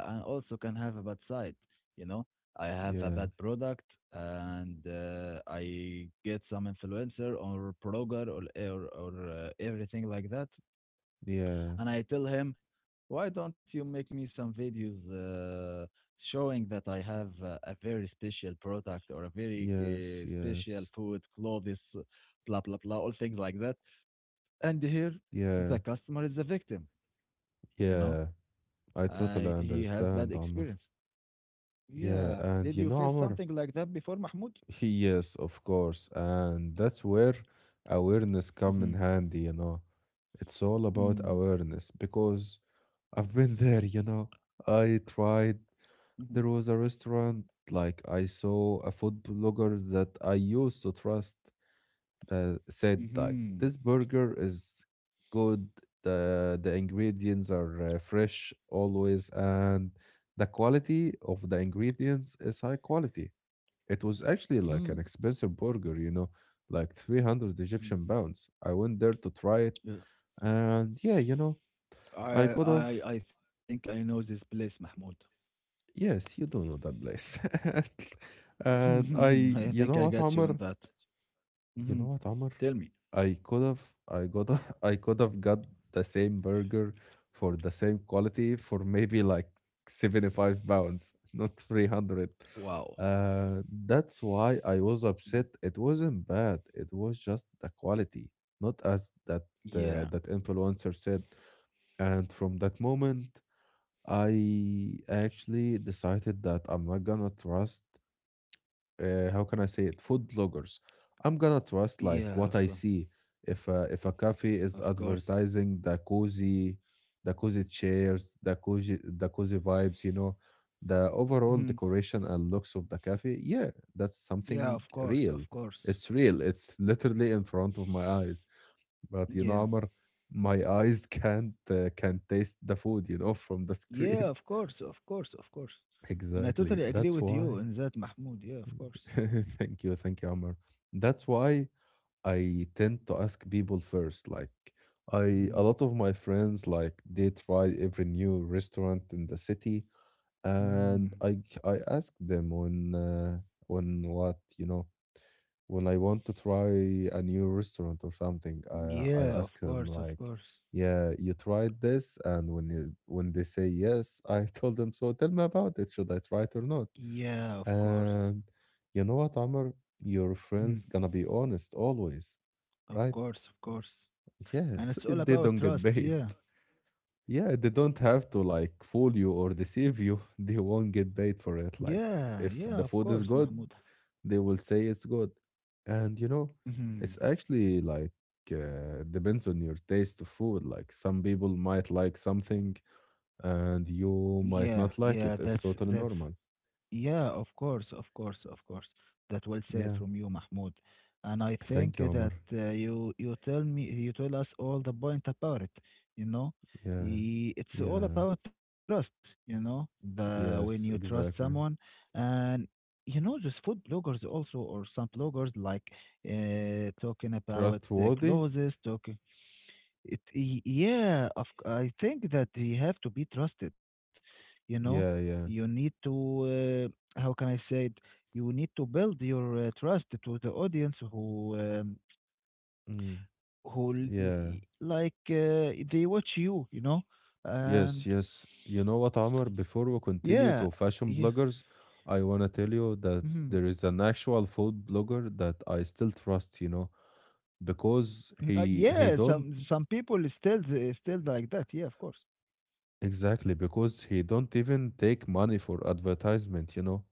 Speaker 2: yeah, I also can have a bad side, you know.
Speaker 1: Yeah,
Speaker 2: I have a bad product, and I get some influencer or blogger or everything like that,
Speaker 1: yeah.
Speaker 2: and I tell him, why don't you make me some videos showing that I have a very special product or a very
Speaker 1: Yes,
Speaker 2: uh,
Speaker 1: yes.
Speaker 2: special food, clothes, blah, blah, blah, all things like that. And here,
Speaker 1: Yeah,
Speaker 2: the customer is a victim, you know,
Speaker 1: yeah. I totally
Speaker 2: he has bad
Speaker 1: understand, Amr.
Speaker 2: experience.
Speaker 1: Yeah,
Speaker 2: Yeah.
Speaker 1: and
Speaker 2: Did
Speaker 1: you
Speaker 2: you
Speaker 1: know,
Speaker 2: face
Speaker 1: Amr?
Speaker 2: something like that before, Mahmoud?
Speaker 1: Yes, of course. And that's where awareness come in
Speaker 2: Mm-hmm.
Speaker 1: handy, you know. It's all about
Speaker 2: Mm-hmm.
Speaker 1: awareness because I've been there, you know. I tried, there was a restaurant, like I saw a food blogger that I used to trust. Said like
Speaker 2: Mm-hmm.
Speaker 1: this burger is good, the ingredients are fresh always, and the quality of the ingredients is high quality. It was actually like
Speaker 2: Mm-hmm.
Speaker 1: an expensive burger, you know, like 300
Speaker 2: Mm-hmm.
Speaker 1: Egyptian pounds. I went there to try it.
Speaker 2: Yeah.
Speaker 1: And yeah, I could have.
Speaker 2: I think I know this place, Mahmoud.
Speaker 1: Yes, you don't know that place. and I
Speaker 2: I think
Speaker 1: You
Speaker 2: I
Speaker 1: know what,
Speaker 2: got you on
Speaker 1: Amr?
Speaker 2: that.
Speaker 1: You
Speaker 2: Mhm.
Speaker 1: know what, Amr?
Speaker 2: Tell me.
Speaker 1: I could have, I got, a- I could have got the same burger for the same quality for maybe like 75 pounds, not 300.
Speaker 2: Wow.
Speaker 1: That's why I was
Speaker 2: Mm.
Speaker 1: upset. It wasn't bad. It was just the quality, not as that uh,
Speaker 2: Yeah.
Speaker 1: that influencer said. And from that moment, I actually decided that I'm not gonna trust, how can I say it? Food bloggers. I'm gonna trust like
Speaker 2: Yeah,
Speaker 1: what
Speaker 2: of
Speaker 1: I
Speaker 2: course.
Speaker 1: see. If a cafe is
Speaker 2: Of course.
Speaker 1: advertising the cozy chairs, the cozy vibes, you know, the overall
Speaker 2: Mhm.
Speaker 1: decoration and looks of the cafe, yeah, that's something
Speaker 2: Yeah, of
Speaker 1: real.
Speaker 2: course. Of
Speaker 1: It's
Speaker 2: course.
Speaker 1: real. It's literally in front of my eyes. But you know, Amr,
Speaker 2: Yeah.
Speaker 1: my eyes can't taste the food, from the screen.
Speaker 2: Yeah, of course. Of course. Of course.
Speaker 1: Exactly.
Speaker 2: And I
Speaker 1: That's
Speaker 2: totally
Speaker 1: why.
Speaker 2: agree with you in that, Mahmoud. Yeah, of course.
Speaker 1: Thank you, thank you, Amr. That's why I tend to ask people first. Like I a lot of my
Speaker 2: Mm.
Speaker 1: friends like they try every new restaurant in the city, and I
Speaker 2: Mm.
Speaker 1: ask them on what, when I want to try a new restaurant or something. I ask them
Speaker 2: Yeah, of
Speaker 1: like,
Speaker 2: course. Of
Speaker 1: yeah,
Speaker 2: course.
Speaker 1: you tried this, and when they say yes, I told them so. Tell me about it. Should I try it or not?
Speaker 2: Yeah, of
Speaker 1: And
Speaker 2: course.
Speaker 1: you know what, Amr, your friends gonna be
Speaker 2: Mhm.
Speaker 1: honest always, right?
Speaker 2: Of course. Of course.
Speaker 1: Yes, they
Speaker 2: And
Speaker 1: don't
Speaker 2: it's all
Speaker 1: get paid.
Speaker 2: about trust. Yeah.
Speaker 1: Yeah, they don't have to like fool you or deceive you. They won't get paid for it. Like
Speaker 2: Yeah.
Speaker 1: if
Speaker 2: Yeah,
Speaker 1: the
Speaker 2: of
Speaker 1: food is
Speaker 2: course,
Speaker 1: good,
Speaker 2: Mahmoud.
Speaker 1: they will say it's good. And it's
Speaker 2: Mhm.
Speaker 1: actually like depends on your taste of food. Like some people might like something, and you
Speaker 2: Yeah,
Speaker 1: might not
Speaker 2: yeah,
Speaker 1: like it.
Speaker 2: that's
Speaker 1: It's totally
Speaker 2: that's
Speaker 1: normal.
Speaker 2: yeah, of course, of course. That well said
Speaker 1: Yeah.
Speaker 2: from you, Mahmoud. And I think
Speaker 1: Thank you, Omar.
Speaker 2: that you tell me you tell us all the point about it, you know.
Speaker 1: Yeah.
Speaker 2: It's all
Speaker 1: Yeah.
Speaker 2: about trust, you know, the when you
Speaker 1: Yes,
Speaker 2: trust someone
Speaker 1: exactly.
Speaker 2: and you know just food bloggers also or some bloggers like talking about the
Speaker 1: Trustworthy?
Speaker 2: clothes, yeah, I think that you have to be trusted. You know,
Speaker 1: Yeah,
Speaker 2: you
Speaker 1: yeah.
Speaker 2: need to, how can I say it? You need to build your trust to the audience who, um,
Speaker 1: Mm,
Speaker 2: who l- n-
Speaker 1: yeah.
Speaker 2: y- like they watch you. You know,
Speaker 1: Yes,
Speaker 2: and
Speaker 1: yes. You know what, Amr? Before we
Speaker 2: yeah,
Speaker 1: continue to
Speaker 2: yeah,
Speaker 1: fashion bloggers, I want to tell you that
Speaker 2: mhm.
Speaker 1: there is an actual food blogger that I still trust, you know, because
Speaker 2: Mm,
Speaker 1: he
Speaker 2: yeah.
Speaker 1: don't
Speaker 2: Some people is still like that. Yeah, of course.
Speaker 1: exactly because he don't even take money for advertisement, you know.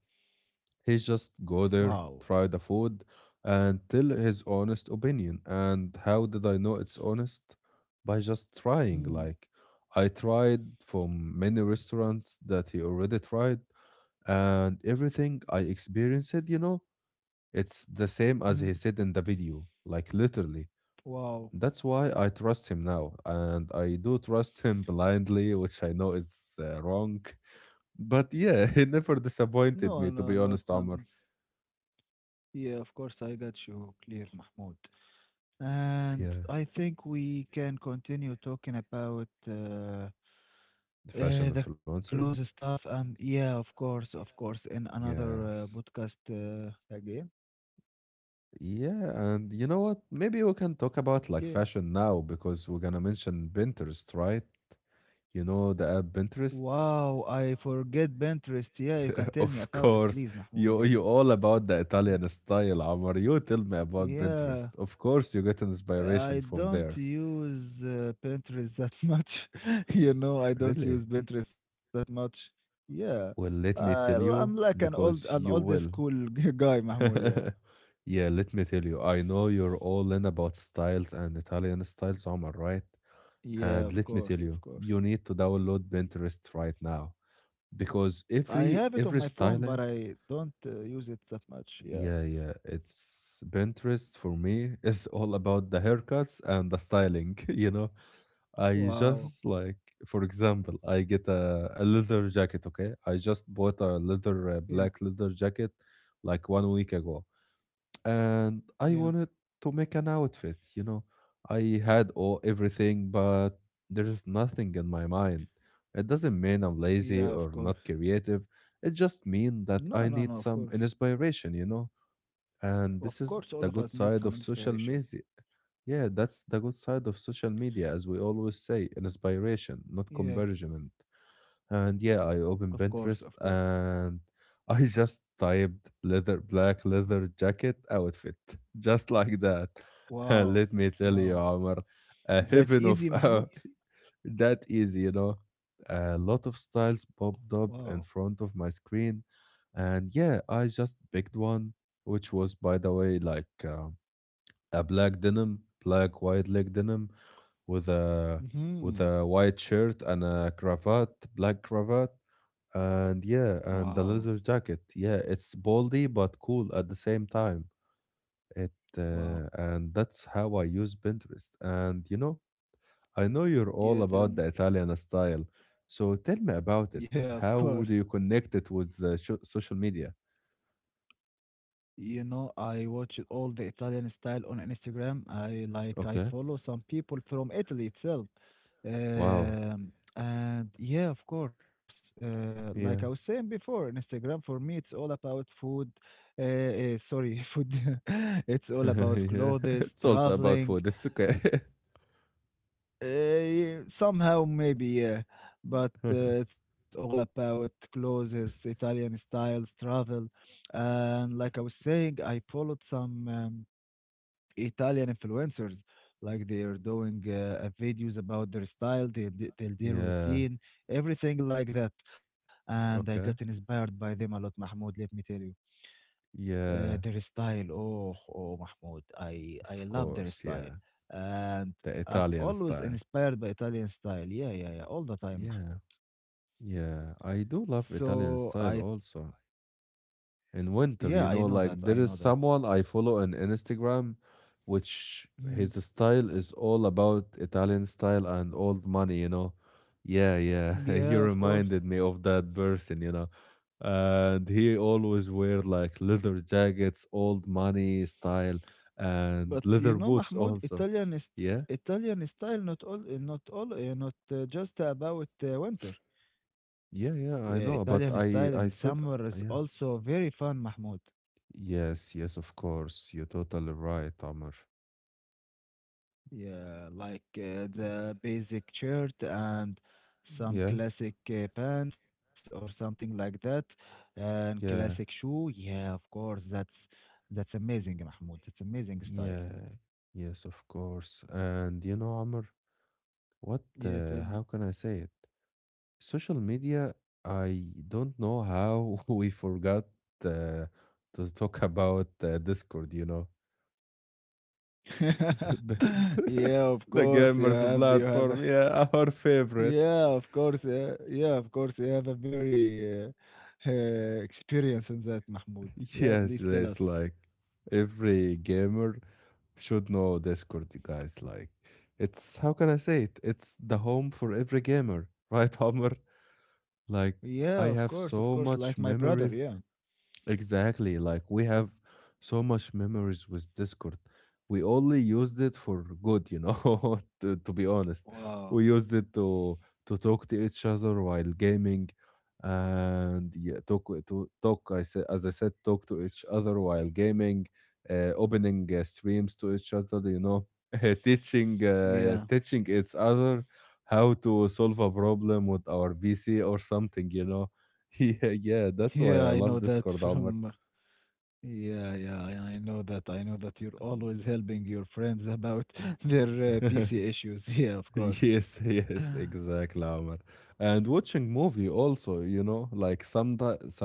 Speaker 1: He just go there,
Speaker 2: Wow.
Speaker 1: try the food, and tell his honest opinion. And how did I know it's honest? By just trying.
Speaker 2: Hmm.
Speaker 1: Like I tried from many restaurants that he already tried, and everything I experienced, you know, it's the same
Speaker 2: Hmm.
Speaker 1: as he said in the video, like literally.
Speaker 2: Wow.
Speaker 1: That's why I trust him now, and I do trust him blindly, which I know is wrong. But yeah, he never disappointed
Speaker 2: No,
Speaker 1: me, to
Speaker 2: not
Speaker 1: be
Speaker 2: not.
Speaker 1: honest, Amr.
Speaker 2: Yeah, of course, I got you clear, Mahmoud. And
Speaker 1: Yeah,
Speaker 2: I think we can continue talking about
Speaker 1: the fashion
Speaker 2: the clothes
Speaker 1: influencer.
Speaker 2: stuff. And yeah, of course, in another
Speaker 1: Yes.
Speaker 2: podcast again.
Speaker 1: Yeah, and you know what? Maybe we can talk about like
Speaker 2: Yeah.
Speaker 1: fashion now because we're gonna mention Pinterest, right? You know the app Pinterest?
Speaker 2: Wow, I forget Pinterest. Yeah, you can tell me
Speaker 1: Of
Speaker 2: about it, please,
Speaker 1: course,
Speaker 2: Mahmoud. Yeah.
Speaker 1: you all about the
Speaker 2: Yeah.
Speaker 1: Italian style, Amar. You tell me about Pinterest.
Speaker 2: Yeah.
Speaker 1: Of course, you get inspiration
Speaker 2: I
Speaker 1: from
Speaker 2: don't
Speaker 1: there.
Speaker 2: use Pinterest that much. You know, I don't
Speaker 1: Really?
Speaker 2: use Pinterest that much. Yeah.
Speaker 1: Well, let
Speaker 2: I,
Speaker 1: me tell
Speaker 2: I'm like
Speaker 1: you,
Speaker 2: an
Speaker 1: because
Speaker 2: old
Speaker 1: you will.
Speaker 2: school guy, Mahmoud. Yeah.
Speaker 1: Yeah, let me tell you. I know you're all in about styles and Italian styles, Amar, right?
Speaker 2: Yeah,
Speaker 1: And
Speaker 2: of
Speaker 1: let me tell
Speaker 2: course, of
Speaker 1: you,
Speaker 2: course.
Speaker 1: you need to download Pinterest right now because
Speaker 2: I have it
Speaker 1: every
Speaker 2: on my
Speaker 1: every
Speaker 2: phone, but
Speaker 1: styling.
Speaker 2: I don't use it that much. Yeah.
Speaker 1: Yeah, yeah. It's Pinterest for me is all about the haircuts and the styling, you know. I
Speaker 2: Wow.
Speaker 1: just like, for example, I get a leather jacket, okay? I just bought a leather,
Speaker 2: Yeah.
Speaker 1: uh black leather jacket like one week ago. And I
Speaker 2: Yeah.
Speaker 1: wanted to make an outfit, you know. I had all everything, but there's nothing in my mind. It doesn't mean I'm
Speaker 2: Yeah, of
Speaker 1: lazy or
Speaker 2: course.
Speaker 1: not creative. It just means
Speaker 2: No,
Speaker 1: that
Speaker 2: no,
Speaker 1: I
Speaker 2: no, of
Speaker 1: need
Speaker 2: course.
Speaker 1: some inspiration, you know? And
Speaker 2: Of
Speaker 1: this
Speaker 2: course,
Speaker 1: is
Speaker 2: all of
Speaker 1: the
Speaker 2: us
Speaker 1: good
Speaker 2: need some
Speaker 1: side of social
Speaker 2: inspiration.
Speaker 1: media. Yeah, that's the good side of social media, as we always say, inspiration, not
Speaker 2: Yeah,
Speaker 1: convergement. And yeah, I
Speaker 2: of
Speaker 1: opened
Speaker 2: course, of
Speaker 1: Pinterest
Speaker 2: course.
Speaker 1: and I just typed leather, black leather jacket outfit, just like that. And
Speaker 2: Wow.
Speaker 1: let me tell you,
Speaker 2: Wow.
Speaker 1: Omar, a
Speaker 2: That
Speaker 1: heaven of
Speaker 2: easy, Mahmoud?
Speaker 1: that easy, you know. A lot of styles popped up
Speaker 2: Wow.
Speaker 1: in front of my screen, and yeah, I just picked one, which was, by the way, like a black denim, black wide leg denim, with a
Speaker 2: Hmm.
Speaker 1: white shirt and a cravat, black cravat, and yeah, and
Speaker 2: Wow.
Speaker 1: the leather jacket. Yeah, it's boldy but cool at the same time. It
Speaker 2: Wow.
Speaker 1: And that's how I use Pinterest, and I know you're
Speaker 2: Yeah,
Speaker 1: all
Speaker 2: tell
Speaker 1: about
Speaker 2: me.
Speaker 1: the Italian style, so tell me about
Speaker 2: Yeah,
Speaker 1: it.
Speaker 2: of course.
Speaker 1: How do you connect it with the sho social media?
Speaker 2: You know, I watch all the Italian style on Instagram. I
Speaker 1: Okay.
Speaker 2: follow some people from Italy itself.
Speaker 1: Wow.
Speaker 2: And yeah, of course. Like I was
Speaker 1: Yeah.
Speaker 2: saying before, Instagram for me it's all about food. Food. It's all about
Speaker 1: Yeah.
Speaker 2: clothes,
Speaker 1: It's also about
Speaker 2: traveling.
Speaker 1: food. It's okay.
Speaker 2: Somehow, maybe, yeah. But it's all about clothes, Italian styles, travel. And like I was saying, I followed some Italian influencers. Like they're doing videos about their style, their
Speaker 1: Yeah.
Speaker 2: routine, everything like that. And I got
Speaker 1: Okay.
Speaker 2: inspired by them a lot, Mahmoud, let me tell you.
Speaker 1: Yeah,
Speaker 2: Their style, oh, oh, Mahmoud, I
Speaker 1: of
Speaker 2: love their
Speaker 1: course.
Speaker 2: style,
Speaker 1: Yeah.
Speaker 2: and
Speaker 1: The
Speaker 2: I've
Speaker 1: Italian
Speaker 2: always
Speaker 1: style.
Speaker 2: inspired by Italian style. Yeah, yeah, yeah, all the time,
Speaker 1: Yeah.
Speaker 2: Mahmoud.
Speaker 1: Yeah. I do love
Speaker 2: So
Speaker 1: Italian
Speaker 2: I,
Speaker 1: style also. In
Speaker 2: yeah,
Speaker 1: winter,
Speaker 2: I
Speaker 1: like
Speaker 2: know
Speaker 1: there is
Speaker 2: that.
Speaker 1: someone I follow on Instagram, which
Speaker 2: Mm,
Speaker 1: his style is all about Italian style and old money, you know. Yeah, yeah. You
Speaker 2: yeah, of course.
Speaker 1: reminded me of that person, you know. And he always wear like leather jackets, old money style,
Speaker 2: But
Speaker 1: and
Speaker 2: you know,
Speaker 1: leather boots
Speaker 2: Mahmoud,
Speaker 1: also. Yeah,
Speaker 2: Italian style not just about winter.
Speaker 1: yeah, yeah, I
Speaker 2: Italian
Speaker 1: know, but
Speaker 2: style in
Speaker 1: I
Speaker 2: summer
Speaker 1: said,
Speaker 2: is
Speaker 1: yeah.
Speaker 2: also very fun, Mahmoud.
Speaker 1: Yes, yes, of course, you're totally right, Amr.
Speaker 2: Yeah, like the basic shirt and some
Speaker 1: Yeah,
Speaker 2: classic pants or something like that, and classic
Speaker 1: yeah.
Speaker 2: shoe. Yeah, of course, that's amazing, Mahmoud. It's amazing style.
Speaker 1: Yeah, yes, of course. And you know, Amr, what,
Speaker 2: Yeah, tell me.
Speaker 1: how can I say it? Social media, I don't know how we forgot uh, to talk about Discord, you know, the, the,
Speaker 2: Yeah, of
Speaker 1: the
Speaker 2: course,
Speaker 1: gamers
Speaker 2: you have a
Speaker 1: platform. Yeah, our favorite.
Speaker 2: yeah, of course, yeah, yeah, of course, you have a very experience on that, Mahmoud. Yeah,
Speaker 1: Yes,
Speaker 2: please tell
Speaker 1: yes,
Speaker 2: us.
Speaker 1: like every gamer should know Discord, you guys. Like, how can I say it? It's the home for every gamer, right, Amr? Like
Speaker 2: Yeah,
Speaker 1: I have
Speaker 2: of course,
Speaker 1: so
Speaker 2: like my
Speaker 1: much
Speaker 2: brother. Yeah.
Speaker 1: memories Exactly. Like we have so much memories with Discord. We only used it for good, you know, to be honest.
Speaker 2: Wow.
Speaker 1: We used it to talk to each other while gaming, and yeah, talk w- to talk I said as I said, talk to each other while gaming, opening streams to each other, you know, teaching uh,
Speaker 2: Yeah.
Speaker 1: teaching each other how to solve a problem with our PC or something, you know. Yeah, yeah,
Speaker 2: Yeah,
Speaker 1: that's
Speaker 2: I
Speaker 1: why I
Speaker 2: know
Speaker 1: love
Speaker 2: that
Speaker 1: Discord,
Speaker 2: from
Speaker 1: Omar.
Speaker 2: yeah, yeah, and I know that. I know that you're always helping your friends about their PC issues. Yeah, of course.
Speaker 1: Yes, yes, exactly, Omar. And watching movie also, you know, like some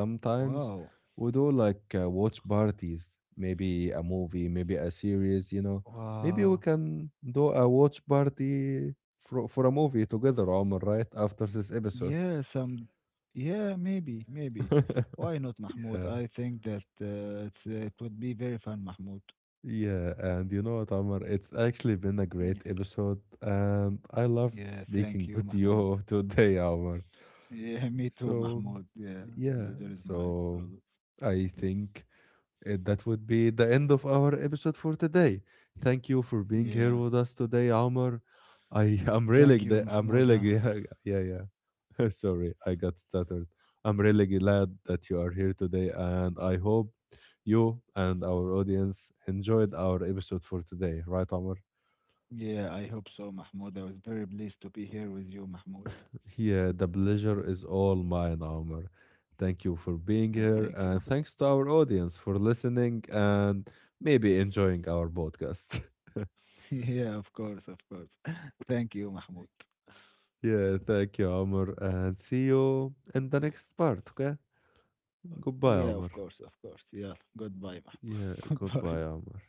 Speaker 2: Wow.
Speaker 1: we do like watch parties, maybe a movie, maybe a series, you know. Maybe we
Speaker 2: Wow.
Speaker 1: can do a watch party for a movie together, Omar, right? After this episode.
Speaker 2: Yeah, some yeah, maybe, maybe. Why not Mahmoud?
Speaker 1: Yeah.
Speaker 2: I think that it would be very fun, Mahmoud.
Speaker 1: Yeah, and you know what, Omar? It's actually been a
Speaker 2: Mm.
Speaker 1: great episode, and I loved
Speaker 2: Yeah,
Speaker 1: speaking
Speaker 2: thank you,
Speaker 1: with
Speaker 2: Mahmoud.
Speaker 1: you today, Omar.
Speaker 2: Yeah, me too,
Speaker 1: So,
Speaker 2: Mahmoud. Yeah, the
Speaker 1: yeah,
Speaker 2: pleasure is mine
Speaker 1: so
Speaker 2: always.
Speaker 1: I think, that would be the end of our episode for today. Thank you for being here
Speaker 2: Yeah.
Speaker 1: with us today, Amr. I am really
Speaker 2: Thank
Speaker 1: gl-
Speaker 2: you,
Speaker 1: I'm really g-
Speaker 2: Mahmouda.
Speaker 1: yeah, yeah. Yeah. Sorry, I got stuttered. I'm really glad that you are here today, and I hope you and our audience enjoyed our episode for today, right, Amr?
Speaker 2: Yeah, I hope so, Mahmoud. I was very pleased to be here with you, Mahmoud.
Speaker 1: Yeah, the pleasure is all mine, Amr. Thank you for
Speaker 2: Yeah,
Speaker 1: being
Speaker 2: thank
Speaker 1: here,
Speaker 2: you, Mahmoud.
Speaker 1: and thanks to our audience for listening and maybe enjoying our podcast.
Speaker 2: Yeah, of course, of course. Thank you, Mahmoud.
Speaker 1: Yeah, thank you, Omar, and see you in the next part, okay?
Speaker 2: Yeah,
Speaker 1: Goodbye,
Speaker 2: of
Speaker 1: Omar.
Speaker 2: course, of course. Yeah, goodbye,
Speaker 1: Yeah,
Speaker 2: Mahmoud. Goodbye.
Speaker 1: goodbye, Omar.